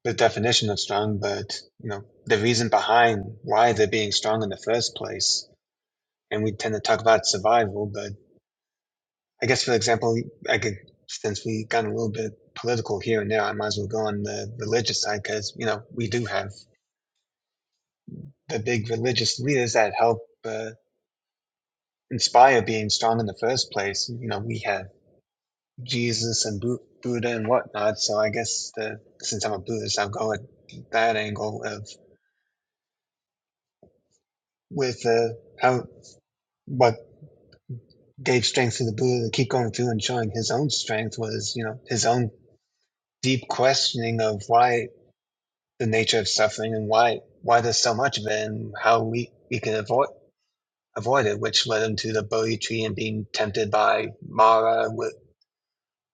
Speaker 9: the definition of strong, but you know the reason behind why they're being strong in the first place. And we tend to talk about survival, but I guess for example, I could since we got a little bit political here and there, I might as well go on the religious side because you know we do have the big religious leaders that help uh, inspire being strong in the first place. You know, we have Jesus and Bu- Buddha and whatnot. So I guess the, since I'm a Buddhist, I'll go at that angle of with uh, how what gave strength to the Buddha to keep going through and showing his own strength was you know his own deep questioning of why the nature of suffering and why why there's so much of it and how we we can avoid avoid it, which led him to the Bodhi tree and being tempted by Mara, with.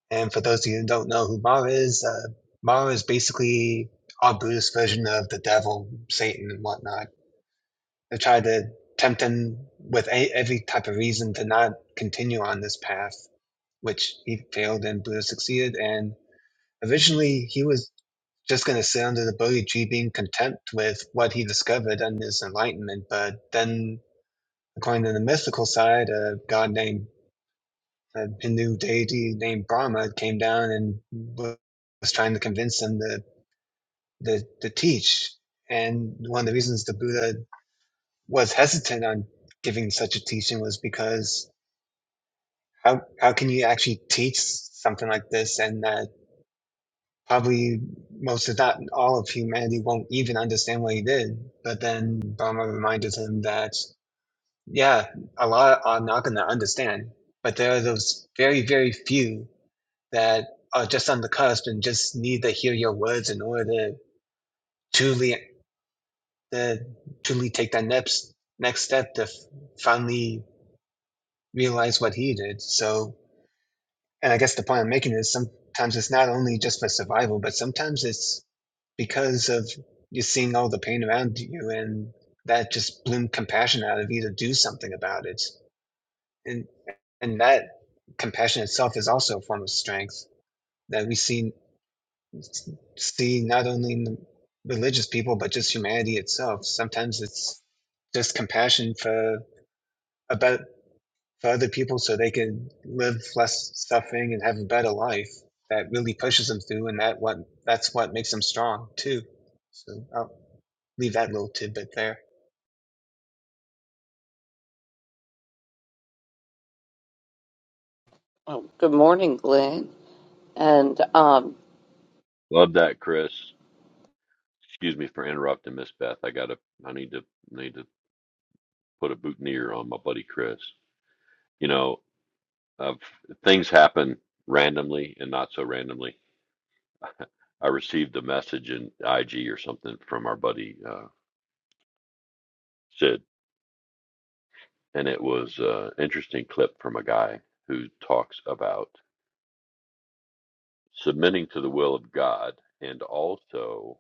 Speaker 9: And for those of you who don't know who Mara is, uh, Mara is basically our Buddhist version of the devil, Satan, and whatnot. They try to tempt him with a- every type of reason to not continue on this path, which he failed and Buddha succeeded. And originally, he was just going to sit under the Bodhi tree being content with what he discovered and his enlightenment. But then, according to the mystical side, a god named a Hindu deity named Brahma came down and was trying to convince them to, to, to teach. And one of the reasons the Buddha was hesitant on giving such a teaching was because how, how can you actually teach something like this and that probably most if not all of humanity won't even understand what he did. But then Brahma reminded him that, yeah, a lot are not going to understand, but there are those very, very few that are just on the cusp and just need to hear your words in order to truly, to truly take that next next step to finally realize what he did. So, and I guess the point I'm making is sometimes it's not only just for survival, but sometimes it's because of you're seeing all the pain around you and that just bloomed compassion out of you to do something about it. And and that compassion itself is also a form of strength that we see s- see not only in the religious people but just humanity itself. Sometimes it's just compassion for about for other people so they can live less suffering and have a better life. That really pushes them through, and that what that's what makes them strong too. So I'll leave that little tidbit there.
Speaker 5: good morning, Glenn. and um,
Speaker 4: Love that, Chris. Excuse me for interrupting, Miss Beth. I gotta, I need to, need to put a boutonniere on my buddy Chris. You know, of things happen randomly and not so randomly. I received a message in IG or something from our buddy uh, Sid, and it was an interesting clip from a guy who talks about submitting to the will of God and also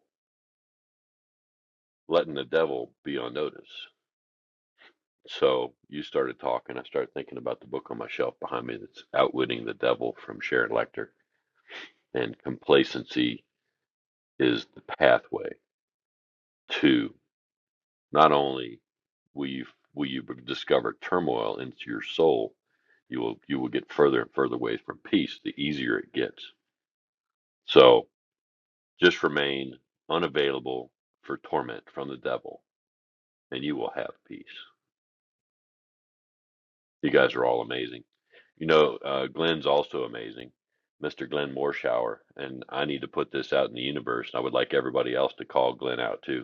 Speaker 4: letting the devil be on notice. So you started talking, I started thinking about the book on my shelf behind me that's Outwitting the Devil from Sharon Lecter, and complacency is the pathway to. Not only will you will you discover turmoil into your soul, you will you will get further and further away from peace the easier it gets. So just remain unavailable for torment from the devil, and you will have peace. You guys are all amazing. You know, uh, Glenn's also amazing, Mr. Glenn Morshower, and I need to put this out in the universe. And I would like everybody else to call Glenn out too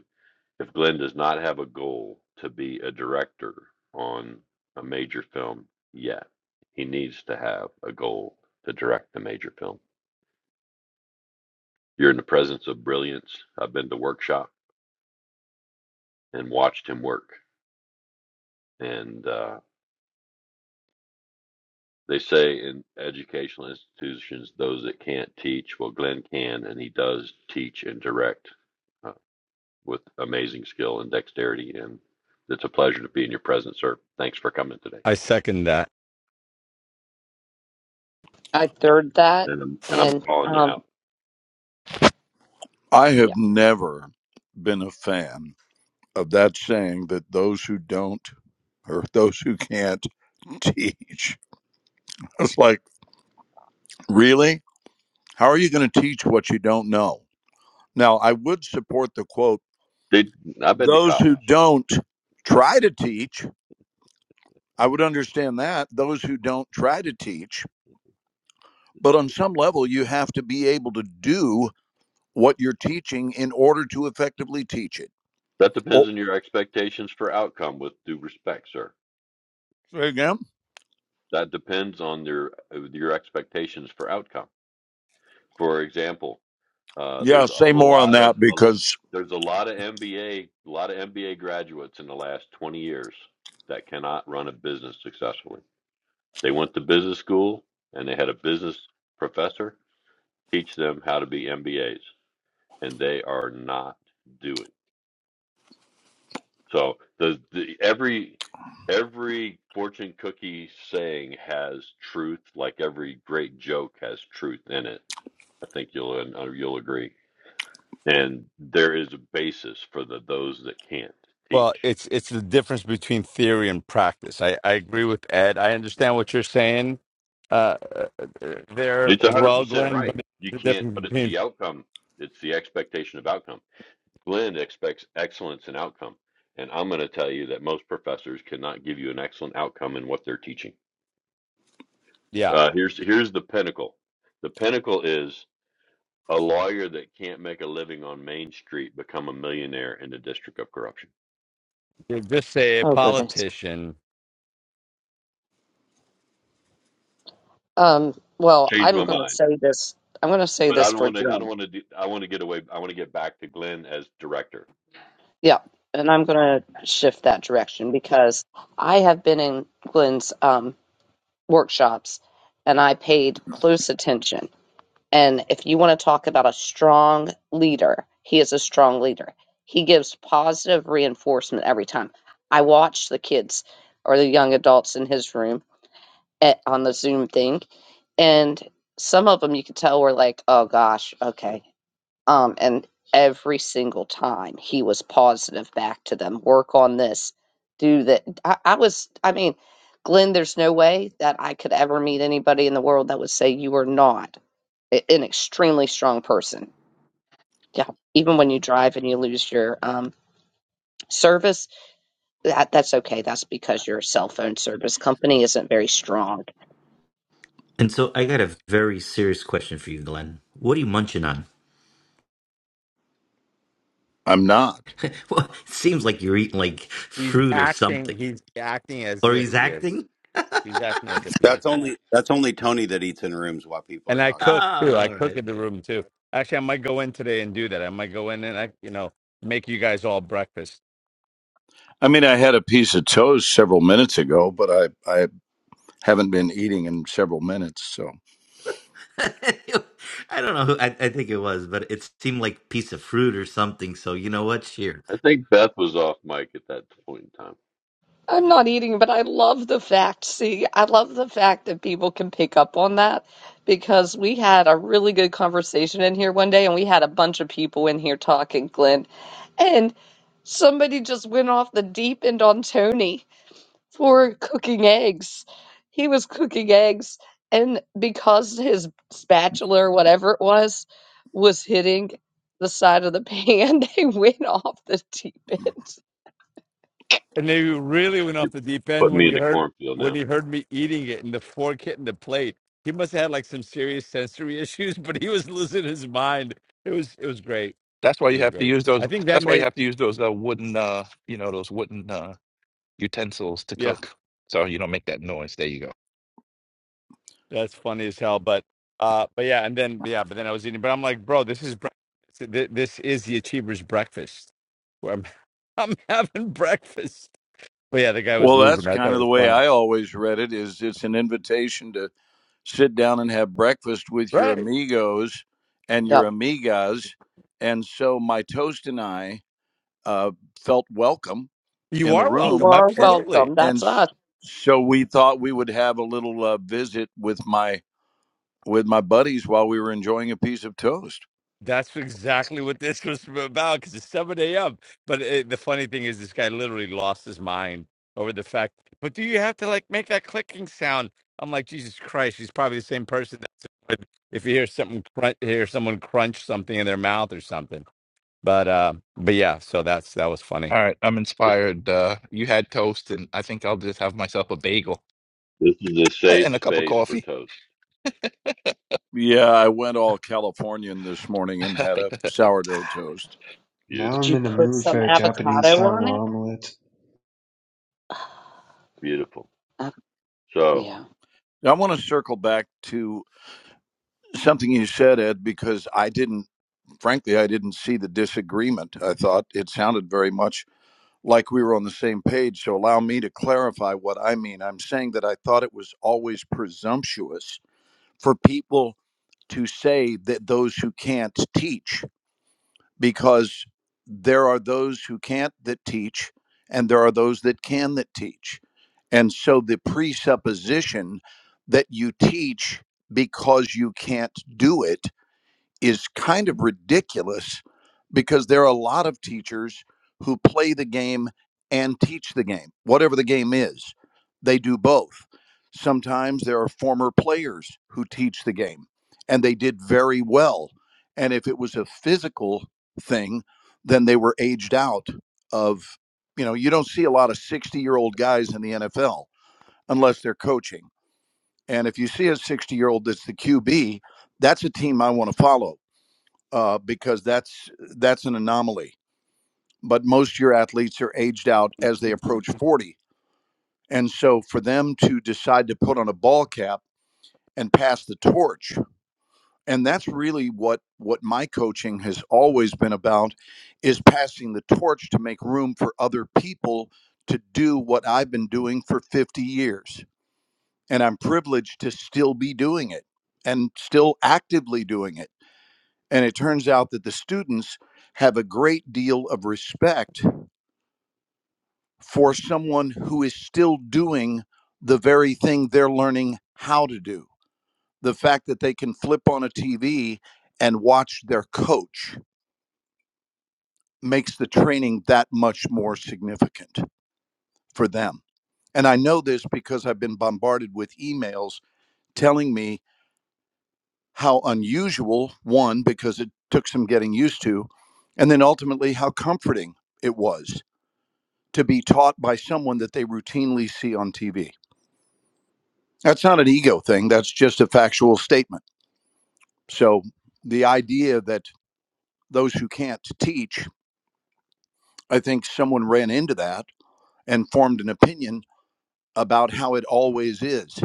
Speaker 4: If Glenn does not have a goal to be a director on a major film yet, he needs to have a goal to direct the major film. You're in the presence of brilliance. I've been to workshop and watched him work. And uh, they say in educational institutions, those that can't teach, well, Glenn can, and he does teach and direct uh, with amazing skill and dexterity. And it's a pleasure to be in your presence, sir. Thanks for coming today.
Speaker 1: i second that
Speaker 5: I third that.
Speaker 4: And I'm, and I'm
Speaker 5: And
Speaker 4: calling you
Speaker 5: um,
Speaker 4: out.
Speaker 11: I
Speaker 5: yeah,
Speaker 11: have never been a fan of that saying that those who don't or those who can't teach. It's like, really? How are you going to teach what you don't know? Now, I would support the quote
Speaker 4: They, I've been to
Speaker 11: those
Speaker 4: college.
Speaker 11: who don't try to teach. I would understand that. Those who don't try to teach. But on some level, you have to be able to do what you're teaching in order to effectively teach it.
Speaker 4: That depends
Speaker 11: Oh,
Speaker 4: on your expectations for outcome. With due respect, sir,
Speaker 11: say again?
Speaker 4: that depends on your your expectations for outcome. For example, uh,
Speaker 11: Yeah,
Speaker 4: there's a
Speaker 11: say more on
Speaker 4: lot of
Speaker 11: that
Speaker 4: a, l-
Speaker 11: because
Speaker 4: there's a lot of MBA a a lot of MBA graduates in the last 20 years that cannot run a business successfully. They went to business school and they had a business professor teach them how to be MBAs, and they are not doing. So the, the every every fortune cookie saying has truth, like every great joke has truth in it. I think you'll and, uh, you'll agree. And there is a basis for the those that can't
Speaker 1: Well,
Speaker 4: teach.
Speaker 1: it's it's the difference between theory and practice. I, I agree with Ed. I understand what you're saying uh, uh, uh, there
Speaker 4: It's one
Speaker 1: as
Speaker 4: hundred
Speaker 1: well,
Speaker 4: percent
Speaker 1: Glenn.
Speaker 4: right.
Speaker 1: But it's
Speaker 4: You
Speaker 1: the
Speaker 4: can't,
Speaker 1: difference
Speaker 4: but it's
Speaker 1: between
Speaker 4: the outcome. It's the expectation of outcome Glenn expects excellence in outcome. And I'm going to tell you that most professors cannot give you an excellent outcome in what they're teaching.
Speaker 1: yeah,
Speaker 4: Uh, here's here's the pinnacle. The pinnacle is a lawyer that can't make a living on Main Street become a millionaire in the District of Corruption.
Speaker 1: you just say a
Speaker 5: oh goodness.
Speaker 1: politician.
Speaker 5: Um, well,
Speaker 4: Changed
Speaker 5: I'm
Speaker 4: my
Speaker 5: going to
Speaker 4: mind,
Speaker 5: say this. I'm going to say
Speaker 4: but I
Speaker 5: this
Speaker 4: don't
Speaker 5: for
Speaker 4: want to. I don't
Speaker 5: Glenn.
Speaker 4: want to. Do, I want to get away. I want to get back to Glenn as director.
Speaker 5: Yeah, and I'm going to shift that direction because I have been in Glenn's um, workshops, and I paid close attention. And if you want to talk about a strong leader, he is a strong leader. He gives positive reinforcement every time. I watch the kids or the young adults in his room at, on the Zoom thing, and some of them you could tell were like, "Oh gosh, okay." Um, and every single time he was positive back to them. Work on this. Do that. I, I was. I mean, Glenn, there's no way that I could ever meet anybody in the world that would say you are not a- an extremely strong person. Yeah, even when you drive and you lose your um, service, that that's okay. That's because your cell phone service company isn't very strong
Speaker 10: And so I got a very serious question for you, Glenn. What are you munching on?
Speaker 11: I'm not.
Speaker 10: Well, it seems like you're eating like
Speaker 1: He's
Speaker 10: fruit or
Speaker 1: acting.
Speaker 10: something.
Speaker 1: He's acting as
Speaker 10: Or
Speaker 1: if
Speaker 10: he's
Speaker 1: he is.
Speaker 10: acting?
Speaker 1: He's acting as if he is.
Speaker 12: That's only that's only Tony that eats in rooms while people are
Speaker 1: And I
Speaker 10: Oh,
Speaker 1: cook
Speaker 12: talking.
Speaker 1: too. I
Speaker 10: all
Speaker 1: cook
Speaker 10: right.
Speaker 1: in the room too. Actually, I might go in today and do that. I might go in and I you know make you guys all breakfast.
Speaker 11: I mean, I had a piece of toast several minutes ago, but I, I haven't been eating in several minutes. So,
Speaker 10: I don't know. Who, I, I think it was, but it seemed like piece of fruit or something. So you know what? Share.
Speaker 4: I think Beth was off mic at that point in time.
Speaker 5: I'm not eating, but I love the fact. See, I love the fact that people can pick up on that because we had a really good conversation in here one day and we had a bunch of people in here talking, Glenn. And somebody just went off the deep end on Tony for cooking eggs. He was cooking eggs, and because his spatula or whatever it was was hitting the side of the pan, they went off the deep end.
Speaker 1: And they
Speaker 4: All right,
Speaker 1: really
Speaker 4: Beth,
Speaker 1: went
Speaker 4: you
Speaker 1: off the deep end
Speaker 4: put
Speaker 1: when
Speaker 4: me
Speaker 1: he
Speaker 4: in the
Speaker 1: heard
Speaker 4: cornfield
Speaker 1: when
Speaker 4: now.
Speaker 1: he heard me eating it and the fork hitting the plate. He must have had like some serious sensory issues, but he was losing his mind. It was it was great.
Speaker 2: That's
Speaker 1: It was
Speaker 2: have to
Speaker 1: great.
Speaker 2: use those.
Speaker 1: I think that
Speaker 2: That's why you
Speaker 1: made
Speaker 2: have to use those uh, wooden, uh, you know, uh, utensils
Speaker 1: yeah, that's funny as hell. But uh, but yeah, and then yeah, but then I was eating. But I'm like, bro, this is bre- th- this is the achiever's breakfast. Where I'm I'm having breakfast. But yeah, the guy was
Speaker 11: well, that's
Speaker 1: losing. I thought
Speaker 11: kind
Speaker 1: it
Speaker 11: of the
Speaker 1: was
Speaker 11: way
Speaker 1: funny.
Speaker 11: I always read it is it's an invitation to sit down and have breakfast with your
Speaker 1: Right.
Speaker 11: amigos and your
Speaker 5: Yep.
Speaker 11: amigas. And so my toast and I uh, felt welcome
Speaker 1: You
Speaker 11: in the
Speaker 1: are
Speaker 5: You
Speaker 1: welcome.
Speaker 11: room.
Speaker 5: are
Speaker 11: And,
Speaker 1: Absolutely.
Speaker 5: welcome.
Speaker 11: and
Speaker 5: That's us.
Speaker 11: s- so we thought we would have a little uh, visit with my, with my buddies while we were enjoying a piece of toast.
Speaker 1: That's exactly what this was about because it's 7 a.m. But it, the funny thing is, this guy literally lost his mind over the fact, but do you have to like make that clicking sound? I'm like, Jesus Christ, he's probably the same person that's annoyed if you hear something crunch, hear someone crunch something in their mouth or something. But uh, but yeah, so that's that was funny.
Speaker 2: All right, I'm
Speaker 4: This
Speaker 2: inspired. Uh, you had toast, and I think I'll just have myself a bagel
Speaker 4: this is a safe
Speaker 2: and a cup of
Speaker 4: space for
Speaker 2: coffee.
Speaker 4: Toast.
Speaker 11: Yeah, I went all Californian this morning and had a sourdough toast.
Speaker 9: Now
Speaker 5: Did
Speaker 9: I'm
Speaker 4: Beautiful,
Speaker 5: you
Speaker 9: in a
Speaker 5: put
Speaker 9: mood
Speaker 5: some
Speaker 9: for a Japanese
Speaker 5: avocado
Speaker 9: style
Speaker 5: on it?
Speaker 9: omelet,
Speaker 4: beautiful.
Speaker 5: Uh,
Speaker 4: So
Speaker 5: yeah,
Speaker 11: I want to circle back to something you said, Ed, because I didn't, frankly, I didn't see the disagreement. I thought it sounded very much like we were on the same page. So allow me to clarify what I mean. I'm saying that I thought it was always presumptuous for people to say that those who can't teach. because there are those who can't that teach, and there are those that can that teach. And so the presupposition that you teach because you can't do it is kind of ridiculous because there are a lot of teachers who play the game and teach the game, whatever the game is. They do both. Sometimes there are former players who teach the game and they did very well. And if it was a physical thing, then they were aged out of, you know, you don't see a lot of 60 year old guys in the NFL unless they're coaching. And if you see a 60 year old that's the QB, that's a team I want to follow uh, because that's that's an anomaly. But most of your athletes are aged out as they approach 40, and so for them to decide to put on a ball cap and pass the torch, and that's really what what my coaching has always been about, is passing the torch to make room for other people to do what I've been doing for 50 years, and I'm privileged to still be doing it and still actively doing it And it turns out that the students have a great deal of respect for someone who is still doing the very thing they're learning how to do. The fact that they can flip on a TV and watch their coach makes the training that much more significant for them. And I know this because I've been bombarded with emails telling me how unusual, one, because it took some getting used to, and then ultimately how comforting it was to be taught by someone that they routinely see on TV. That's not an ego thing, that's just a factual statement. So the idea that those who can't teach, I think someone ran into that and formed an opinion about how it always is.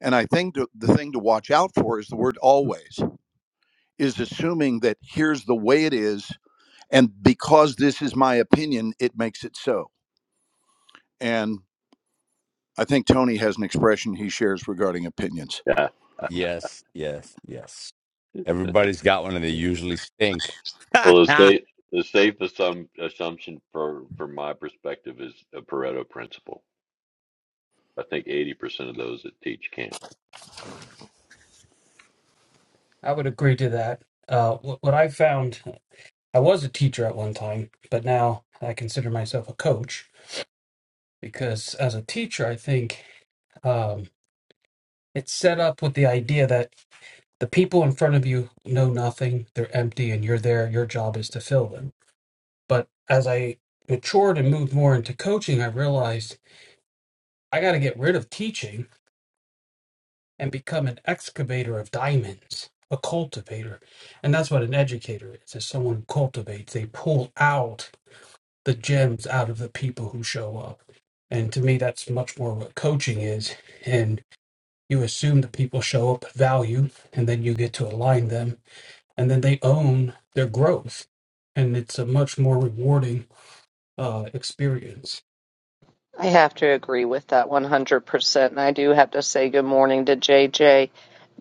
Speaker 11: And I think the the thing to watch out for is the word always, is assuming that here's the way it is. And because this is my opinion, it makes it so. And I think Tony has an expression he shares regarding opinions.
Speaker 4: yeah,
Speaker 1: Yes, yes, yes. Everybody's got one and they usually stink.
Speaker 4: well, the
Speaker 1: I
Speaker 4: safe the safe assum- assumption for from my perspective is a Pareto principle. I think eighty percent of those that teach can't.
Speaker 7: I would agree to that. Uh, what, what I found, I was a teacher at one time, but now I consider myself a coach because as a teacher, I think um, it's set up with the idea that the people in front of you know nothing, they're empty, and you're there. Your job is to fill them. But as I matured and moved more into coaching, I realized I got to get rid of teaching and become an excavator of diamonds, a cultivator. And that's what an educator is, is someone who cultivates. They pull out the gems out of the people who show up. And to me, that's much more what coaching is. And you assume the people show up at value, and then you get to align them, and then they own their growth. And it's a much more rewarding uh, experience.
Speaker 5: I have to agree with that 100%. And I do have to say good morning to JJ.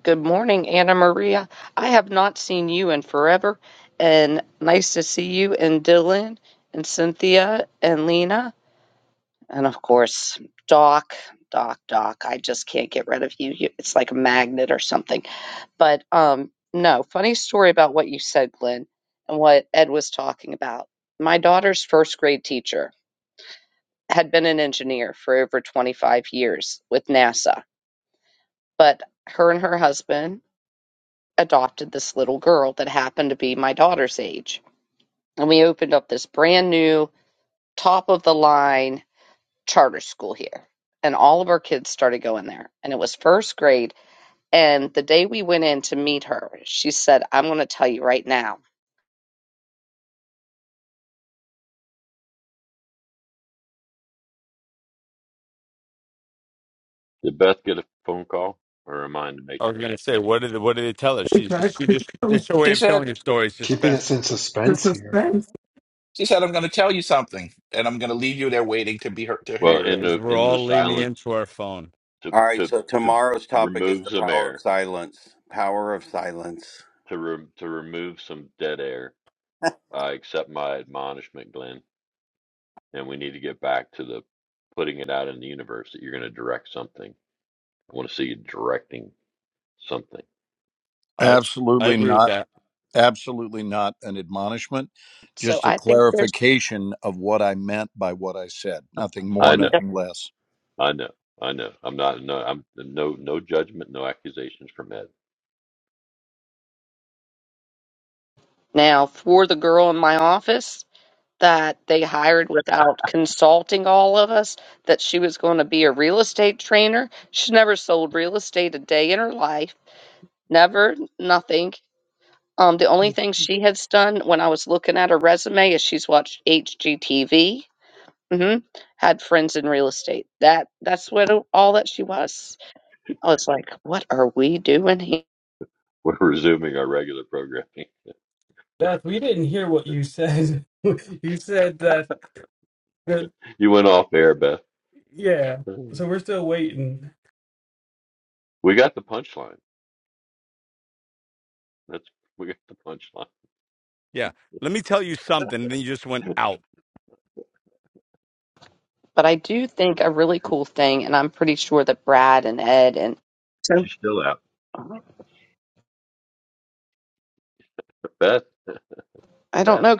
Speaker 5: Good morning, Anna Maria. I have not seen you in forever. And nice to see you and Dylan and Cynthia and Lena. And of course, Doc, Doc, Doc. I just can't get rid of you. You- It's like a magnet or something. But um, no, funny story about what you said, Glenn, and what Ed was talking about. My daughter's first grade teacher had been an engineer for over 25 years with NASA, but her and her husband adopted this little girl that happened to be my daughter's age. And we opened up this brand new, top of the line charter school here. And all of our kids started going there. And it was first grade. And the day we went in to meet her, she said, I'm going to tell you right now
Speaker 4: Did Beth get a phone call or am I in the matrix?
Speaker 1: was gonna say, what did what did they tell her? She she just it's her way of telling her story,
Speaker 9: keeping
Speaker 1: suspense
Speaker 9: us in suspense here.
Speaker 2: She said, "I'm going to tell you something, and I'm going to leave you there waiting to be heard to
Speaker 4: Well,
Speaker 2: hear it."
Speaker 4: in
Speaker 1: is
Speaker 4: the
Speaker 1: we're
Speaker 4: in the
Speaker 1: all leaning
Speaker 4: silence
Speaker 1: into our phone.
Speaker 4: to
Speaker 12: All right,
Speaker 4: to
Speaker 12: so
Speaker 4: to
Speaker 12: tomorrow's topic is
Speaker 4: remove
Speaker 12: the
Speaker 4: some
Speaker 12: power of
Speaker 4: air
Speaker 12: silence. Power of silence.
Speaker 4: to re- to remove some dead air. I accept my admonishment, Glenn, and we need to get back to the putting it out in the universe that you're going to direct something. I want to see you directing something.
Speaker 1: I I
Speaker 11: Absolutely
Speaker 1: agree with
Speaker 11: not.
Speaker 1: that.
Speaker 11: Absolutely not an admonishment,
Speaker 5: So
Speaker 11: just a
Speaker 5: I think there's
Speaker 11: clarification of what I meant by what I said. Nothing more,
Speaker 4: I know.
Speaker 5: stuff
Speaker 11: nothing less.
Speaker 4: I know, I know. I'm not, no, I'm no, no judgment, no accusations from Ed.
Speaker 5: now for the girl in my office that they hired without consulting all of us that she was going to be a real estate trainer. She's never sold real estate a day in her life. Never, nothing. Um, the only thing she has done when I was looking at her resume is she's watched HGTV. hmm Had friends in real estate. That that's what all that she was. I was like, what are we doing here?
Speaker 4: We're resuming our regular programming.
Speaker 7: Beth, we didn't hear what you said. you said that, that
Speaker 4: You went off air, Beth.
Speaker 7: yeah,
Speaker 4: Mm.
Speaker 7: so we're still waiting.
Speaker 4: We got the punchline. That's we got the punchline.
Speaker 1: Yeah. Let me tell you something. And then you just went out.
Speaker 5: But I do think a really cool thing, and I'm pretty sure that Brad and Ed and so
Speaker 4: She's still out. Beth,
Speaker 5: I don't
Speaker 4: Beth,
Speaker 5: know.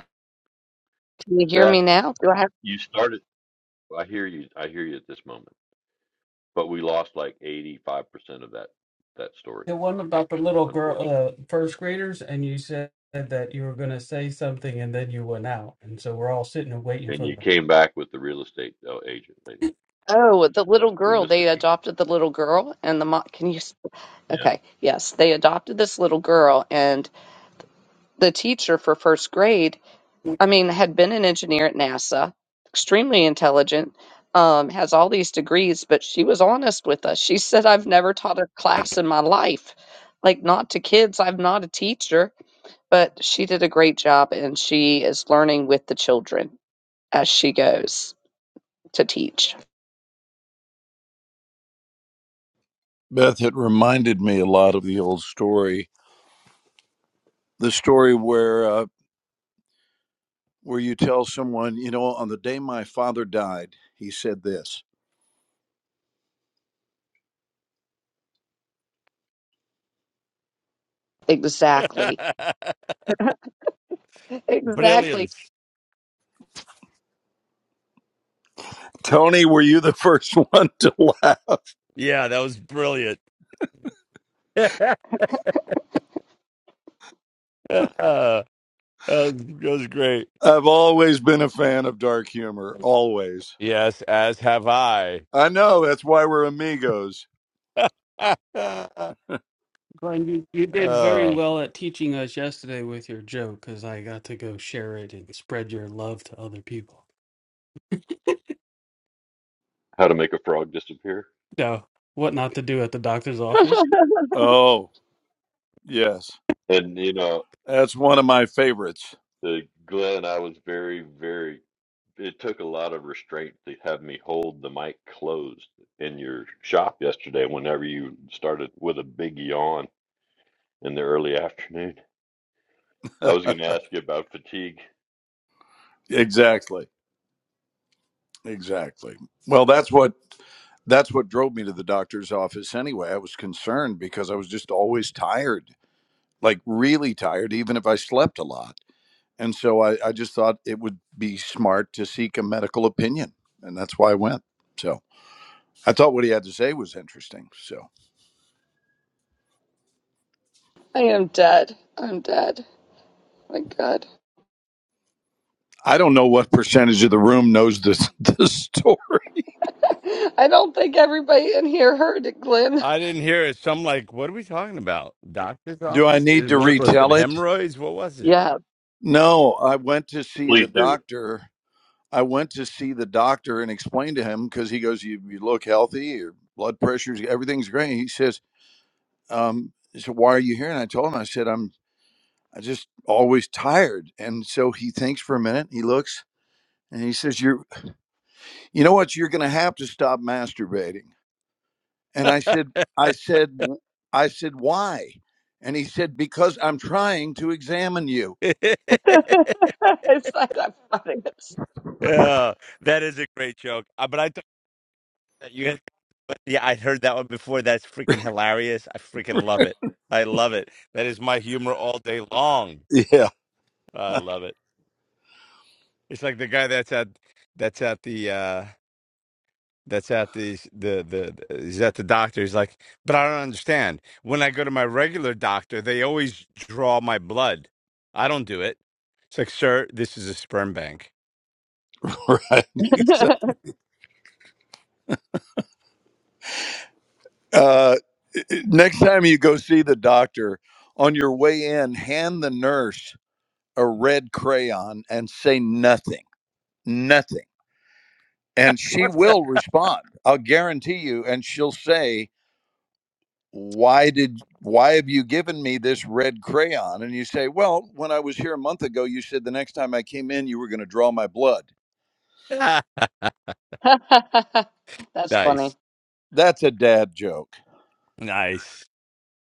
Speaker 5: Can you hear me
Speaker 4: Beth.
Speaker 5: now? Do I have?
Speaker 4: You started. I hear you. I hear you at this moment. But we lost like 85% of that that story,
Speaker 7: The one about the little girl,
Speaker 4: unfortunately.
Speaker 7: uh, first graders, and you said that you were going to say something and then you went out. And so we're all sitting and waiting
Speaker 4: And
Speaker 7: for
Speaker 4: you
Speaker 7: them.
Speaker 4: came back with the real estate uh, agent lady.
Speaker 5: Oh, the
Speaker 4: So
Speaker 5: little
Speaker 4: we
Speaker 5: girl.
Speaker 4: missed a
Speaker 5: They
Speaker 4: cheat.
Speaker 5: adopted the little girl, and the mom. Can you? s-
Speaker 4: Yeah.
Speaker 5: Okay, yes, they adopted this little girl, and the teacher for first grade. I mean, had been an engineer at NASA, extremely intelligent, um, has all these degrees, but she was honest with us. She said, "I've never taught a class in my life, like not to kids. I'm not a teacher." but she did a great job and she is learning with the children as she goes to teach.
Speaker 11: Beth, it reminded me a lot of the old story, the story where uh, where you tell someone, you know, on the day my father died, he said this.
Speaker 5: Exactly. Exactly.
Speaker 1: Brilliance.
Speaker 11: Tony, were you the first one to laugh?
Speaker 1: Yeah, that was brilliant. that, was, that was great.
Speaker 11: I've always been a fan of dark humor, always.
Speaker 1: Yes, as have I.
Speaker 11: I know that's why we're amigos.
Speaker 1: oh,
Speaker 7: Glenn, you, you did very
Speaker 1: I
Speaker 7: well at teaching us yesterday with your joke because I got to go share it and spread your love to other people.
Speaker 4: How to make a frog disappear.
Speaker 7: No, what not to do at the doctor's office.
Speaker 5: I
Speaker 11: Oh, yes,
Speaker 4: And you know,
Speaker 11: that's one of my favorites.
Speaker 4: The Glenn, I was very, very. It took a lot of restraint to have me hold the mic closed in your shop yesterday. Whenever you started with a big yawn in the early afternoon, I was going to ask you about fatigue.
Speaker 11: Exactly. Exactly. Well, that's what that's what drove me to the doctor's office anyway. I was concerned because I was just always tired, like really tired, even if I slept a lot. And so I, I just thought it would be smart to seek a medical opinion. And that's why I went. So I thought what he had to say was interesting. So
Speaker 5: am dead. I'm dead. My God.
Speaker 11: I don't know what percentage of the room knows this this story.
Speaker 5: I don't think everybody in here heard it, Glenn.
Speaker 1: didn't hear it. So I'm like, what are we talking about? Doctor's
Speaker 11: Do I
Speaker 1: office?
Speaker 11: need
Speaker 1: Is-
Speaker 11: to
Speaker 1: What was it?
Speaker 11: retell it?
Speaker 1: Hemorrhoids? What was it?
Speaker 5: Yeah.
Speaker 11: No, I went to see the
Speaker 4: Please do.
Speaker 11: doctor I went to see the doctor and explained to him because he goes, you, you look healthy, your blood pressure's, everything's great. He says, um, so why are you here? And I told him, I said, I'm, I just always tired. And so he thinks for a minute, he looks and he says, you're, you know what? You're going to have to stop masturbating. And I said, I said, "W- I said, why? And he said, because I'm trying to examine you.
Speaker 5: it's not that funny.
Speaker 1: yeah, that is a great joke. Uh, But I You yeah, I heard that one before. That's freaking hilarious. I freaking love it. I love it. That is my humor all day long.
Speaker 11: Yeah,
Speaker 1: I love it. It's like the guy that's at that's at the uh that's at the s- the the the- he's at the doctor. He's like, but I don't understand. When I go to my regular doctor, they always draw my blood. I don't do it. It's like, sir, this is a sperm bank.
Speaker 11: right. Exactly.
Speaker 5: It's-
Speaker 11: Uh, Next time you go see the doctor, on your way in, hand the nurse a red crayon and say nothing, nothing. And she
Speaker 1: What's
Speaker 11: will respond. I'll guarantee you. And she'll say, Why did, why have you given me this red crayon? And you say, Well, when I was here a month ago, you said the next time I came in, you were going to draw my blood.
Speaker 5: That's funny.
Speaker 1: nice,
Speaker 11: That's a dad joke.
Speaker 1: nice.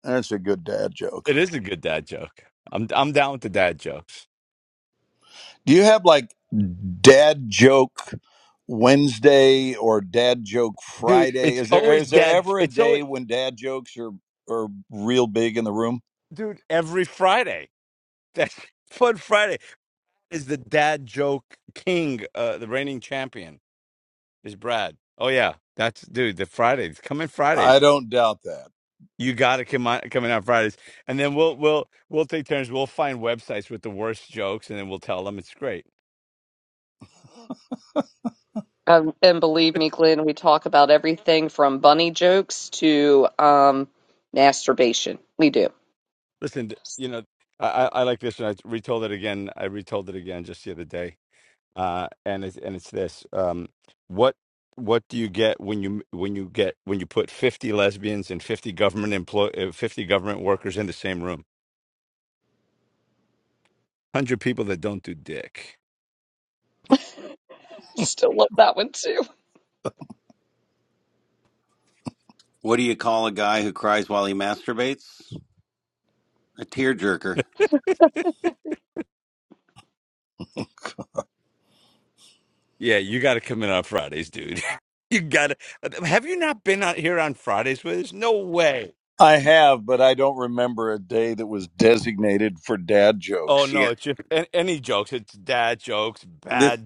Speaker 11: That's a good dad joke.
Speaker 1: It is a good dad joke. I'm I'm down with the dad jokes.
Speaker 11: Do you have like dad joke Wednesday or dad joke
Speaker 1: dude.
Speaker 11: Friday?
Speaker 1: It's
Speaker 11: Is there
Speaker 1: always
Speaker 11: is there
Speaker 1: dad.
Speaker 11: ever a
Speaker 1: It's always
Speaker 11: day when dad jokes are are real big in the room?
Speaker 1: dude. Every Friday, that's Fun Friday is the dad joke king. Uh, the reigning champion is Brad. Oh yeah, that's dude. The Fridays coming
Speaker 11: I
Speaker 1: Fridays.
Speaker 11: don't doubt that.
Speaker 1: You got to come on coming out Fridays, and then we'll we'll we'll take turns. We'll find websites with the worst jokes, and then we'll tell them. It's great.
Speaker 5: Um, and believe me, Glenn, we talk about everything from bunny jokes to um, masturbation. We do.
Speaker 1: Listen, th- you know, I I, I like this, and I retold it again. I retold it again just the other day uh, and it's and it's this: um, what what do you get when you when you get when you put fifty lesbians and fifty government employ uh, fifty government workers in the same room? Hundred people that don't do dick.
Speaker 5: I still love that one too.
Speaker 12: What do you call a guy who cries while he masturbates? A tearjerker.
Speaker 1: Yeah, you got to come in on Fridays, dude. you got to. Have you not been out here on Fridays with us? No way.
Speaker 11: I have, but I don't remember a day that was designated for dad
Speaker 1: Oh
Speaker 11: jokes.
Speaker 12: Yeah.
Speaker 1: no, it's just an- any jokes. It's dad jokes,
Speaker 12: This
Speaker 1: bad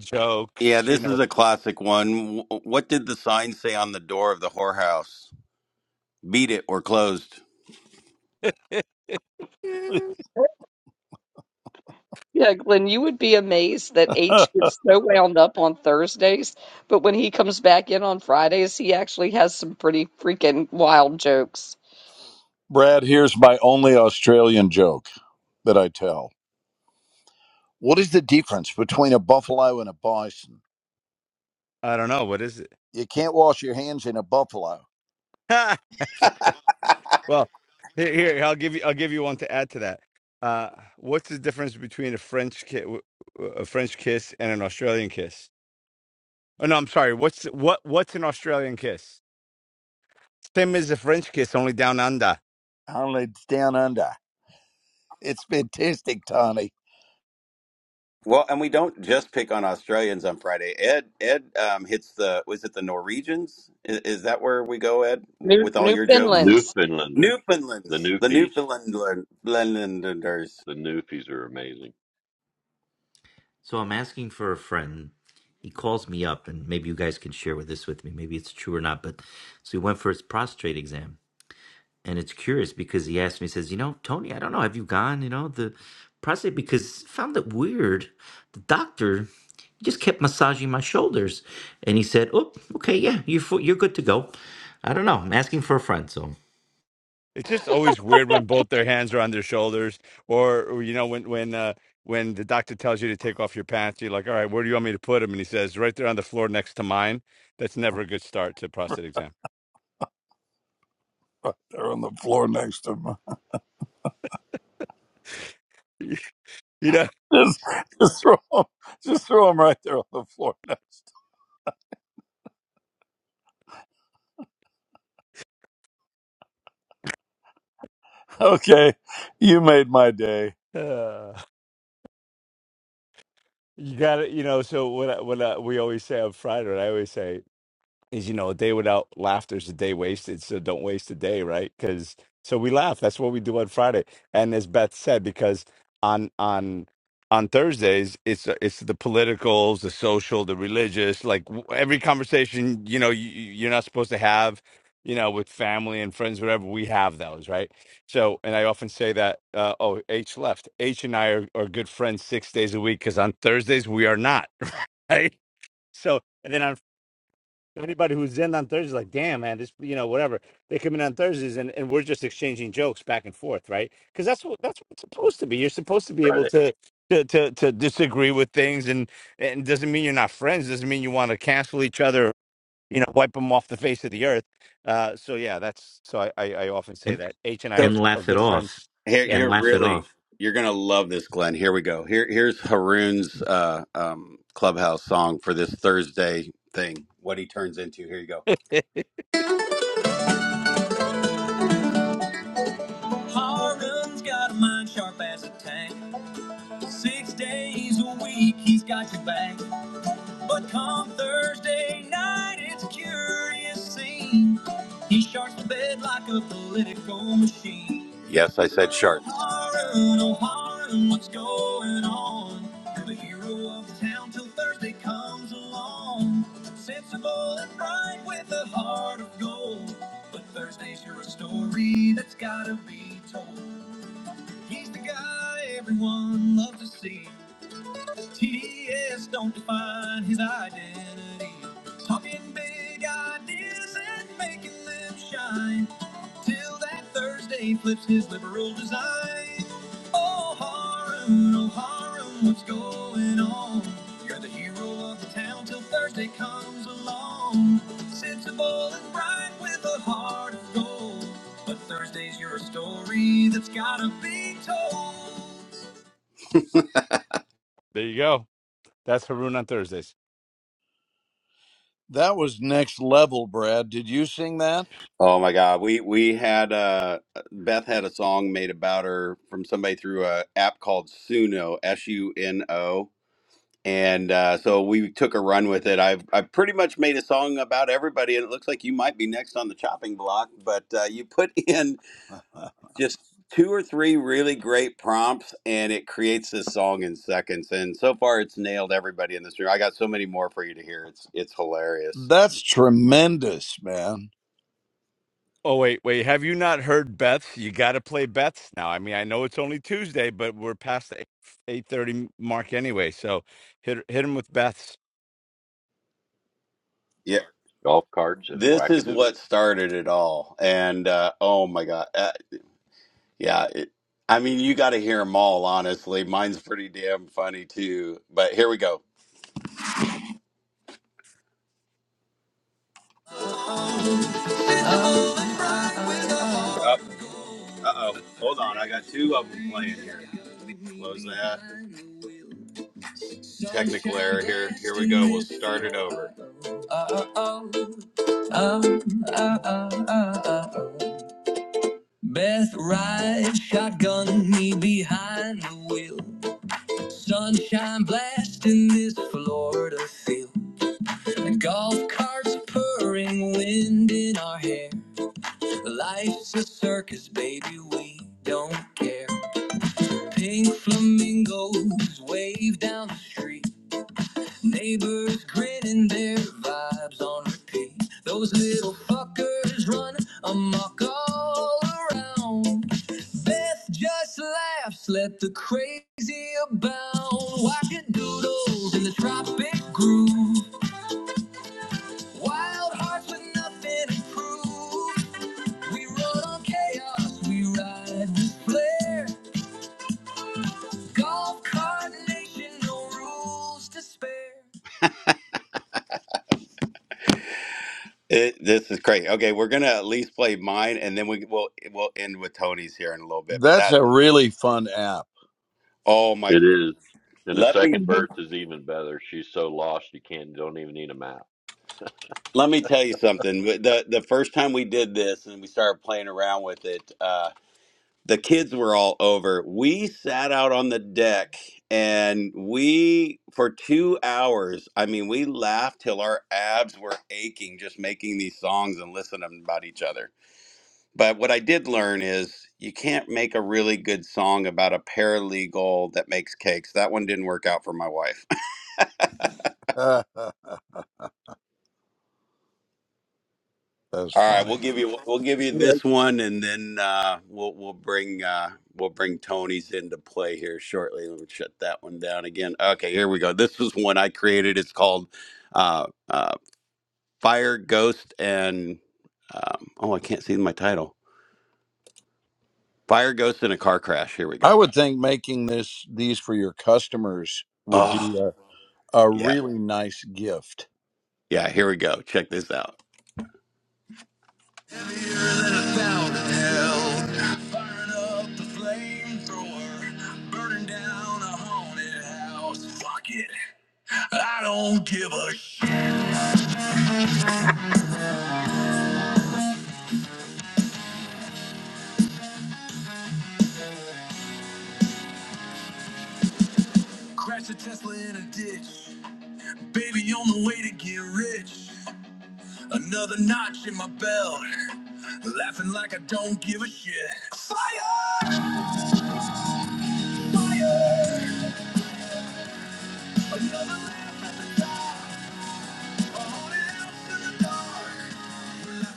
Speaker 12: yeah,
Speaker 1: jokes. You
Speaker 12: this
Speaker 1: know.
Speaker 12: is a classic one. Wh- What did the sign say on the door of the whorehouse? Beat it or closed.
Speaker 5: Yeah, Glenn, you would be amazed that H gets so wound up on Thursdays, but when he comes back in on Fridays, he actually has some pretty freaking wild jokes.
Speaker 11: Brad, here's my only Australian joke that I tell. What is the difference between a buffalo and a bison?
Speaker 1: I don't know what is it.
Speaker 11: You can't wash your hands in a buffalo.
Speaker 1: Well, here, here I'll give you I'll give you one to add to that. Uh, what's the difference between a French ki- w- w- a French kiss and an Australian kiss? Oh no, I'm sorry. What's what what's an Australian kiss? Same as a French kiss, only down under.
Speaker 11: Only it's down under. It's fantastic, Tony.
Speaker 12: Well, and we don't just pick on Australians on Friday. Ed Ed um, hits the was it the Norwegians? Is, is that where we go, Ed,
Speaker 5: New
Speaker 12: with all your jokes?
Speaker 5: Newfoundlands.
Speaker 4: Newfoundlanders, the
Speaker 12: Newfoundlands, the
Speaker 4: Newfies,
Speaker 12: Newfoundlander- Newfoundlanders.
Speaker 4: the Newfies are amazing.
Speaker 10: So I'm asking for a friend. He calls me up, and maybe you guys can share with this with me. Maybe it's true or not. But so he went for his prostate exam, and it's curious because he asked me, he says, "You know, Tony, I don't know. Have you gone? You know, the prostate because found it weird. The doctor he just kept massaging my shoulders, and he said, "Oh, okay, yeah, you're fu- you're good to go." I don't know. I'm asking for a friend, so
Speaker 1: It's just always weird when both their hands are on their shoulders, or, or, you know when when uh, when the doctor tells you to take off your pants, you're like, all right, where do you want me to put them? And he says, right there on the floor next to mine. That's never a good start to a prostate exam.
Speaker 11: Right there on the floor next to me.
Speaker 1: you
Speaker 11: Just, just throw 'em- just throw them right there on the floor next. Okay, you made my day.
Speaker 1: know. You got it. You know, so what I, what I, we always say on Friday, what I always say is you know a day without laughter is a day wasted so don't waste a day right because so we laugh that's what we do on friday and as beth said because on on on thursdays it's it's the politicals the social the religious like w- every conversation you know you, you- you're not supposed to have you know with family and friends whatever we have those right so and i often say that uh, oh h left h and i are, are good friends six days a week because on thursdays we are not right so and then on anybody who's in on Thursdays, like, damn, man, this, you know, whatever. They come in on Thursdays, and, and we're just exchanging jokes back and forth, right? Because that's what that's what it's supposed to be. You're supposed to be able
Speaker 4: Friday
Speaker 1: to to to, to disagree with things, and and doesn't mean you're not friends. Doesn't mean you want to cancel each other. You know, wipe them off the face of the earth. Uh, so yeah, that's so I, I I often say
Speaker 10: and
Speaker 1: that H and I are,
Speaker 12: So
Speaker 10: and
Speaker 1: are
Speaker 10: laugh it
Speaker 1: good
Speaker 10: off
Speaker 1: friends.
Speaker 12: here
Speaker 1: Yeah,
Speaker 10: and
Speaker 12: you're
Speaker 10: laugh it
Speaker 12: really
Speaker 10: off
Speaker 12: you're gonna love this, Glenn. Here we go. Here here's Haroon's uh, um, clubhouse song for this Thursday thing. What he turns into. Here you go.
Speaker 1: there
Speaker 12: Haroon's got a mind sharp as a tank. Six days a week, he's got your back. But come Thursday night, it's a curious scene. He sharks the bed like a political machine. Yes, I said shark. Harun, oh what's going on? You're the hero of the town till Thursday comes along. Sensible and bright with a heart of gold. But Thursdays are a story that's gotta be told. He's the guy everyone loves to see. TDS don't define his identity. Talking big ideas and making them shine. Till that Thursday flips his liberal design. Oh, Harun, oh, Harun, what's going on? You're the hero of the town till Thursday comes along. Sensible and bright with a heart of gold. But Thursday's your story that's gotta be told.
Speaker 1: you go. That's Haroon on Thursdays.
Speaker 11: That was next level, Brad. Did you sing that?
Speaker 12: Oh my God, we we had uh Beth had a song made about her from somebody through a app called Suno S U N O, and uh, so we took a run with it. I've I have pretty much made a song about everybody, and it looks like you might be next on the chopping block. But uh, you put in just two or three really great prompts, and it creates this song in seconds. And so far, it's nailed everybody in this room. I got so many more for you to hear. It's it's hilarious.
Speaker 11: That's tremendous, man.
Speaker 1: Oh wait, wait. Have you not heard Beth's? You got to play Beth's now. I mean, I know it's only Tuesday, but we're past the eight thirty mark anyway. So hit hit him with Beth's,
Speaker 12: Yeah,
Speaker 4: golf carts and
Speaker 12: this is
Speaker 4: wackadoodles.
Speaker 12: what started it all and uh oh my god uh, yeah it, i mean you got to hear them all honestly mine's pretty damn funny too but here we go oh, uh-oh hold on i got two of them playing here close that technical error here here we go we'll start it over Uh-oh. Beth rides shotgun, me behind the wheel. Sunshine blasting this Florida field. The golf carts purring, wind in our hair. Life's a circus, baby, we don't care. Pink flamingos wave down the street. Neighbors grinning their vibes on repeat. Those little fuckers run amok all around. Beth just laughs, let the crazy abound. Wackadoodles doodles in the tropic groove. Wild hearts with nothing to prove. We run on chaos, we ride with flair. Golf cart nation, no rules to spare. It, this is great. Okay, we're gonna at least play mine, and then we will we'll we'll end with Tony's here in a little bit. But
Speaker 11: That's
Speaker 12: that,
Speaker 11: a really fun app.
Speaker 12: oh my,
Speaker 4: It
Speaker 12: God,
Speaker 4: is, and the
Speaker 12: let me
Speaker 4: second
Speaker 5: Mhm.
Speaker 4: verse is even better. She's so lost, you can't don't even need a map.
Speaker 12: let me tell you something. The the first time we did this and we started playing around with it, uh, the kids were all over. We sat out on the deck and we for two hours. I mean, we laughed till our abs were aching just making these songs and listening about each other. But what I did learn is you can't make a really good song about a paralegal that makes cakes. That one didn't work out for my wife.
Speaker 11: That's
Speaker 12: All right, we'll
Speaker 11: funny.
Speaker 12: give you we'll give you this
Speaker 5: Yeah,
Speaker 12: one, and then uh, we'll we'll bring uh, we'll bring Tony's into play here shortly. Let me shut that one down again. Okay, here we go. This was one I created. It's called uh, uh, Fire Ghost and um, oh, I can't see my title. Fire Ghost in a Car Crash. Here we
Speaker 11: I
Speaker 12: go.
Speaker 11: would think making this these for your customers would
Speaker 12: Oh,
Speaker 11: be a, a
Speaker 12: yeah,
Speaker 11: really nice gift.
Speaker 12: yeah. Here we go. Check this out. Heavier than a thousand hells. Firing up the flamethrower. Burning down a haunted house. Fuck it. I don't give a shit. Crash a Tesla in a ditch. Baby on the way to get rich. Another notch in my belt. Laughing like I don't give a shit. Fire! Fire! Another laugh.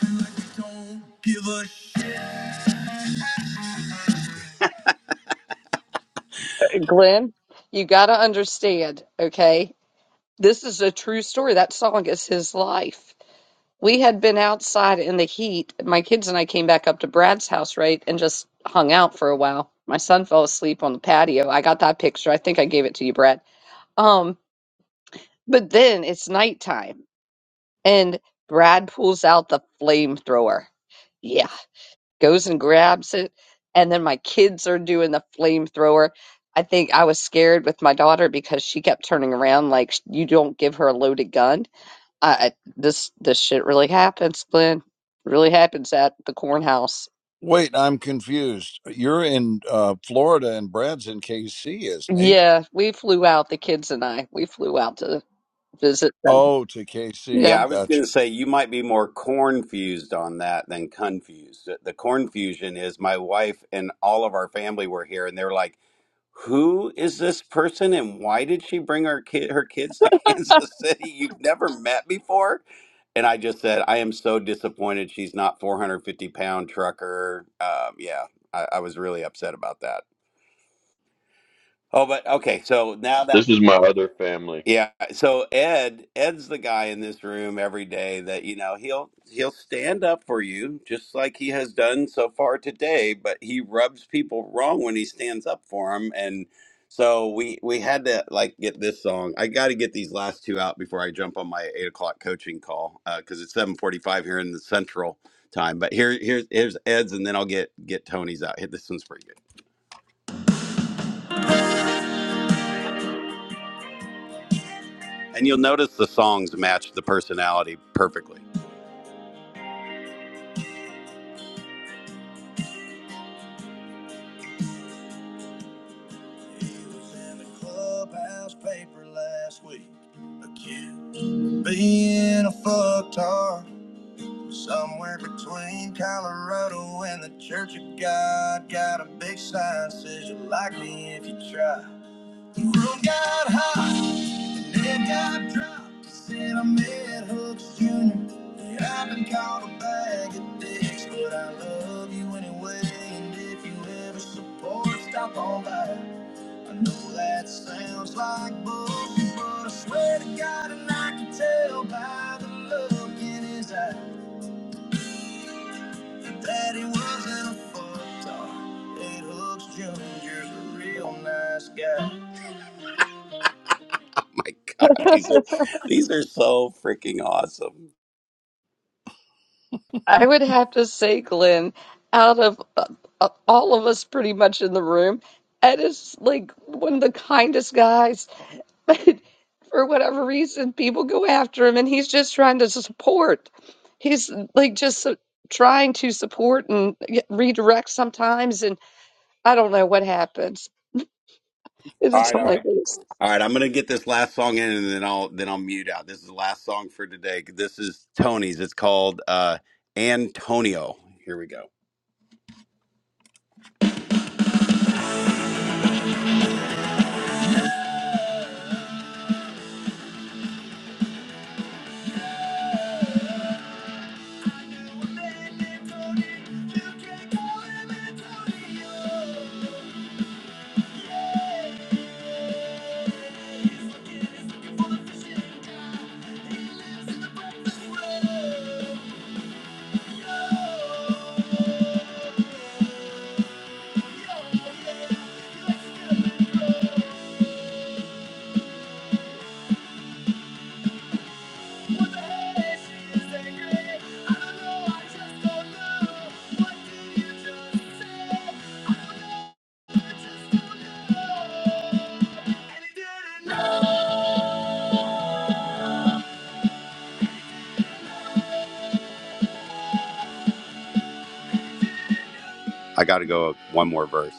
Speaker 12: Like we don't give a shit.
Speaker 5: Glenn, you got to understand, okay? This is a true story. That song is his life. We had been outside in the heat. My kids and I came back up to Brad's house, right, and just hung out for a while. My son fell asleep on the patio. I got that picture. I think I gave it to you, Brad. Um, But then it's nighttime, and Brad pulls out the flamethrower. Yeah, goes and grabs it. And then my kids are doing the flamethrower. I think I was scared with my daughter because she kept turning around like you don't give her a loaded gun. I, I this this shit really happens, Glenn. Really happens at the cornhouse.
Speaker 11: Wait, I'm confused. You're in uh, Florida and Brad's in KC, isn't he?
Speaker 5: Yeah, we flew out. The kids and I we flew out to visit them.
Speaker 11: Oh, to
Speaker 5: Yeah.
Speaker 11: KC.
Speaker 12: Yeah, I was going
Speaker 11: Gotcha.
Speaker 12: to say you might be more cornfused on that than confused. The the cornfusion is my wife and all of our family were here, and they're like, "Who is this person, and why did she bring our kid, her kids to Kansas City? You've never met before." And I just said, "I am so disappointed she's not 450 pound trucker." Um, yeah, I, I was really upset about that. Oh, but okay, so now that
Speaker 4: This is my other family.
Speaker 12: yeah. So Ed, Ed's the guy in this room every day that, you know, he'll he'll stand up for you just like he has done so far today, but he rubs people wrong when he stands up for them and so we we had to like get this song. I got to get these last two out before I jump on my eight o'clock coaching call because it's seven forty five here in the central time. But here here's here's Ed's, and then I'll get get Tony's out. Hit this one's pretty good, and you'll notice the songs match the personality perfectly. He was in the clubhouse paper last week, accused of being a fucktard. Somewhere between Colorado and the Church of God, got a big sign says you like me if you try. The room got hot, and it got dropped. Said I met Hooks Jr. Yeah, I've been called a bag of dicks, but I love you anyway. And if you ever support, stop on by. I know that sounds like bull, but I swear to God, and I can tell by the look in his eye that he wasn't a fuck talk. Ed Hooks Jr.'s a real nice guy. My God, these are these are so freaking awesome.
Speaker 5: I would have to say, Glenn, out of uh, uh, all of us pretty much in the room, Ed is like one of the kindest guys. But for whatever reason, people go after him and he's just trying to support. He's like just su- trying to support and y- redirect sometimes. And I don't know what happens. It
Speaker 12: All
Speaker 5: is
Speaker 12: right, all right.
Speaker 5: hilarious.
Speaker 12: All right, I'm gonna get this last song in, and then I'll then I'll mute out. This is the last song for today. This is Tony's. It's called uh, Antonio. Here we go. Yo, Yeah. he likes to come and go. I got to go one more verse.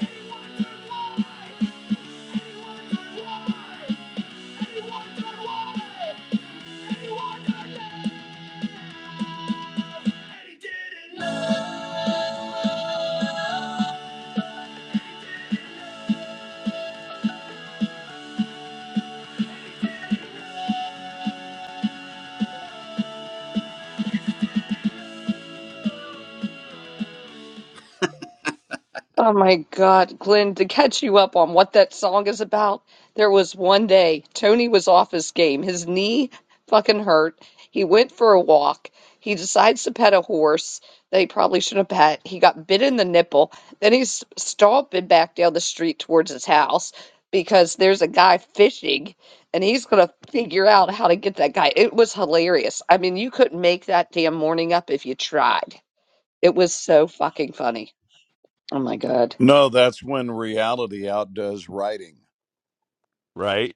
Speaker 12: He did not know.
Speaker 5: Oh my God, Glenn, to catch you up on what that song is about, there was one day Tony was off his game. His knee fucking hurt. He went for a walk. He decides to pet a horse that he probably shouldn't have pet. He got bit in the nipple. Then he's stomping back down the street towards his house because there's a guy fishing and he's going to figure out how to get that guy. It was hilarious. I mean, you couldn't make that damn morning up if you tried. It was so fucking funny. Oh my God.
Speaker 11: No, that's when reality outdoes writing.
Speaker 1: right?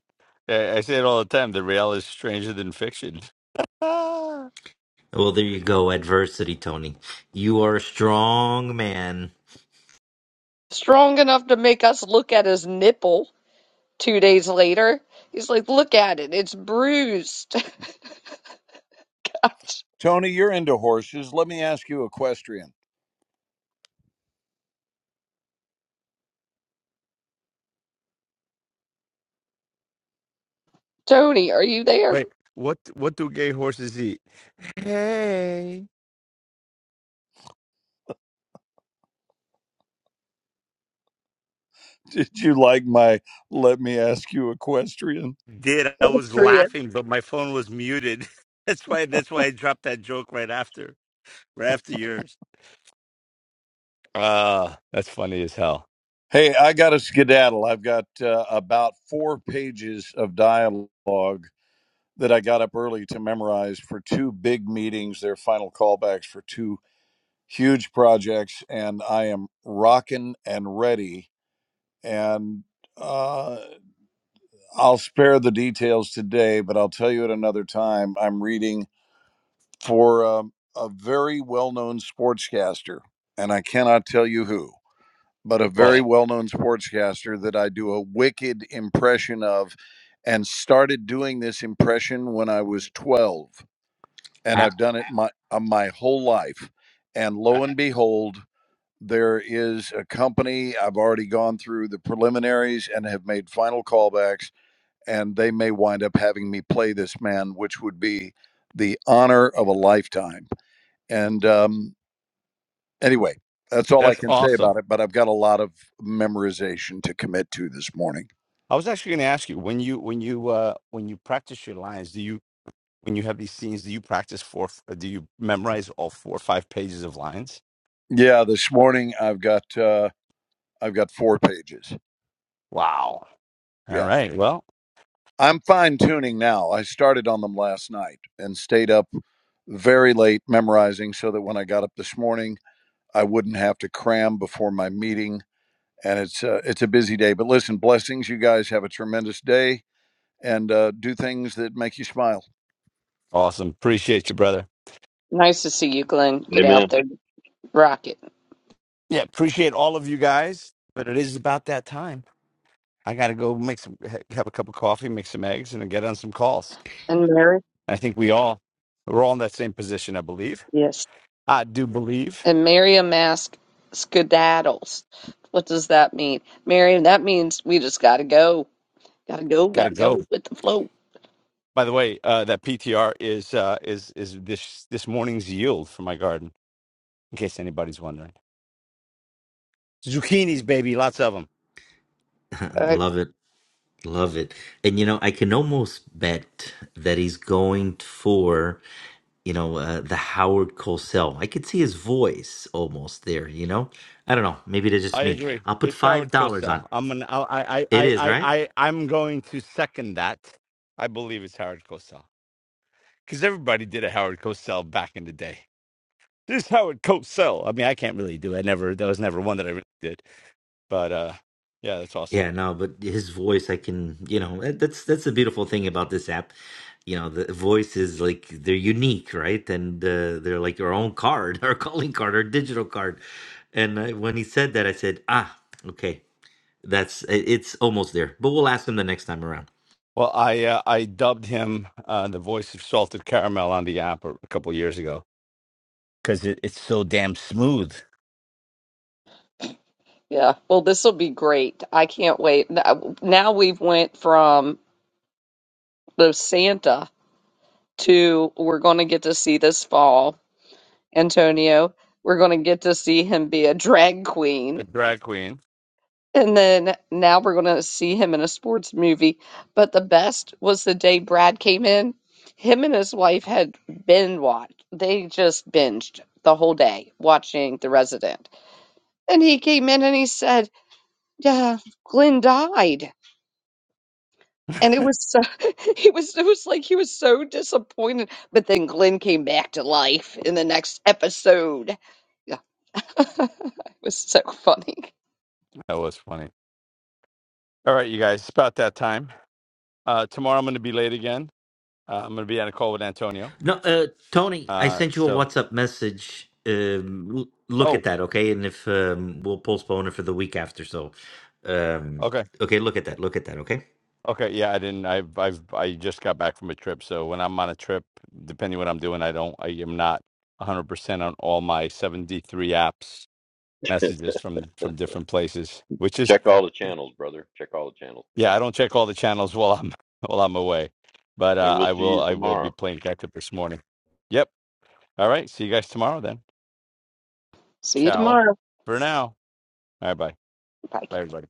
Speaker 1: I, I say it all the time. The real is stranger than fiction. Ah.
Speaker 10: well there you go adversity tony you are a strong man
Speaker 5: strong enough to make us look at his nipple two days later. He's like, look at it, it's bruised.
Speaker 11: Tony, you're into horses. Let me ask you equestrian.
Speaker 5: Tony, are you there?
Speaker 1: wait, what what do gay horses eat? Hey,
Speaker 11: Did you like my let me ask you equestrian?
Speaker 1: did I was
Speaker 5: Yes.
Speaker 1: laughing, but my phone was muted. That's why. That's why I dropped that joke right after, right after yours. Ah, that's funny as hell.
Speaker 11: Hey, I got a skedaddle. I've got uh, about four pages of dialogue that I got up early to memorize for two big meetings, their final callbacks for two huge projects and I am rocking and ready. And uh, I'll spare the details today, but I'll tell you at another time. I'm reading for um, a very well known sportscaster, and I cannot tell you who, but a very
Speaker 1: Well,
Speaker 11: well known sportscaster that I do a wicked impression of and started doing this impression when I was 12. And
Speaker 10: I,
Speaker 11: I've done it my, uh, my whole life. And
Speaker 1: I,
Speaker 11: lo and behold, There is a company, I've already gone through the preliminaries and have made final callbacks, and they may wind up having me play this man, which would be the honor of a lifetime. And um, anyway, that's all I
Speaker 1: that's
Speaker 11: can say
Speaker 1: awesome.
Speaker 11: about it, but I've got a lot of memorization to commit to this morning.
Speaker 1: I was actually going to ask you when you when you uh when you practice your lines, do you when you have these scenes, do you practice four? f- Do you memorize all four or five pages of lines?
Speaker 11: Yeah, this morning I've got uh, I've got four pages.
Speaker 1: Wow. All
Speaker 11: Yeah.
Speaker 1: right. Well,
Speaker 11: I'm fine tuning now. I started on them last night and stayed up very late memorizing so that when I got up this morning I wouldn't have to cram before my meeting. And it's uh, it's a busy day. But listen, blessings. You guys have a tremendous day and uh, do things that make you smile.
Speaker 1: awesome. Appreciate you, brother.
Speaker 5: Nice to see you, Glenn. Get out
Speaker 4: Amen.
Speaker 5: there, rock it.
Speaker 1: Yeah, appreciate all of you guys. But it is about that time. I got to go make some ha- have a cup of coffee, make some eggs, and then get on some calls.
Speaker 5: And Mary?
Speaker 1: I think we all we're all in that same position. I believe.
Speaker 5: Yes.
Speaker 1: I do believe.
Speaker 5: And marry a mask skedaddles. What does that mean? Marion, that means we just gotta go. Gotta go,
Speaker 1: Got to
Speaker 5: gotta go
Speaker 1: go.
Speaker 5: with the flow.
Speaker 1: By the way, uh, that PTR is uh, is is this this morning's yield for my garden. in case anybody's wondering. Zucchinis, baby, lots of them.
Speaker 5: All right.
Speaker 10: love it love it and you know i can almost bet that he's going for you know uh, the howard cosell i could see his voice almost there you know i don't know maybe that's just
Speaker 1: I
Speaker 10: me
Speaker 1: agree.
Speaker 10: i'll put
Speaker 1: It's
Speaker 10: five
Speaker 1: Howard
Speaker 10: dollars on
Speaker 1: Cosell. I'm an, I, I,
Speaker 10: it
Speaker 1: I,
Speaker 10: is
Speaker 1: I,
Speaker 10: right.
Speaker 1: I, I'm going to second that. I believe it's Howard Cosell because everybody did a Howard Cosell back in the day. This Howard Cosell. I mean, I can't really do. It. I never. There was never one that I really did. But uh, yeah, that's awesome.
Speaker 10: Yeah, no, but his voice, I can, you know, that- that's that's the beautiful thing about this app. You know, the voice is like they're unique, right? And uh, they're like our own card, our calling card, our digital card. And I, when he said that, I said, ah, okay, that's i- it's almost there. But we'll ask him the next time around.
Speaker 1: Well, I uh, I dubbed him uh, the voice of salted caramel on the app a a couple years ago because it, it's so damn smooth.
Speaker 5: Yeah. Well, this will be great. I can't wait. Now now we've went from the Santa to we're going to get to see this fall Antonio. We're going to get to see him be a drag
Speaker 1: A
Speaker 5: queen.
Speaker 1: drag queen.
Speaker 5: And then now we're going to see him in a sports movie. But the best was the day Brad came in. Him and his wife had binge watched. They just binged the whole day watching The Resident. And he came in and he said, Yeah, Glenn died. And it was so he was it was like he was so disappointed. But then Glenn came back to life in the next episode. Yeah. it was so funny.
Speaker 1: That was funny. All right, you guys, it's about that time. Uh, tomorrow I'm going to be late again. Uh, I'm going to be on a call with Antonio.
Speaker 10: No, uh, Tony, I
Speaker 1: Uh,
Speaker 10: sent you a
Speaker 1: so,
Speaker 10: WhatsApp message. Um, l- look at
Speaker 1: oh,
Speaker 10: that, okay? And if um, we'll postpone it for the week after, so um,
Speaker 1: okay,
Speaker 10: okay, look at that, look at that, okay?
Speaker 1: okay, yeah, I didn't. I've, I've, I just got back from a trip. So when I'm on a trip, depending what I'm doing, I don't, I am not 100 percent on all my 73 apps messages from from different places. Which is,
Speaker 4: Check all the channels, brother. Check all the channels
Speaker 1: yeah,
Speaker 4: today.
Speaker 1: I don't check all the channels while I'm while I'm away. But
Speaker 4: And
Speaker 1: uh,
Speaker 4: we'll
Speaker 1: I
Speaker 4: see
Speaker 1: will,
Speaker 4: you
Speaker 1: I will be
Speaker 4: tomorrow.
Speaker 1: playing catch up this morning. Yep. All right. See you guys tomorrow then.
Speaker 5: See you
Speaker 1: Ciao
Speaker 5: tomorrow.
Speaker 1: for now. All right. Bye.
Speaker 5: Bye.
Speaker 1: Bye, everybody.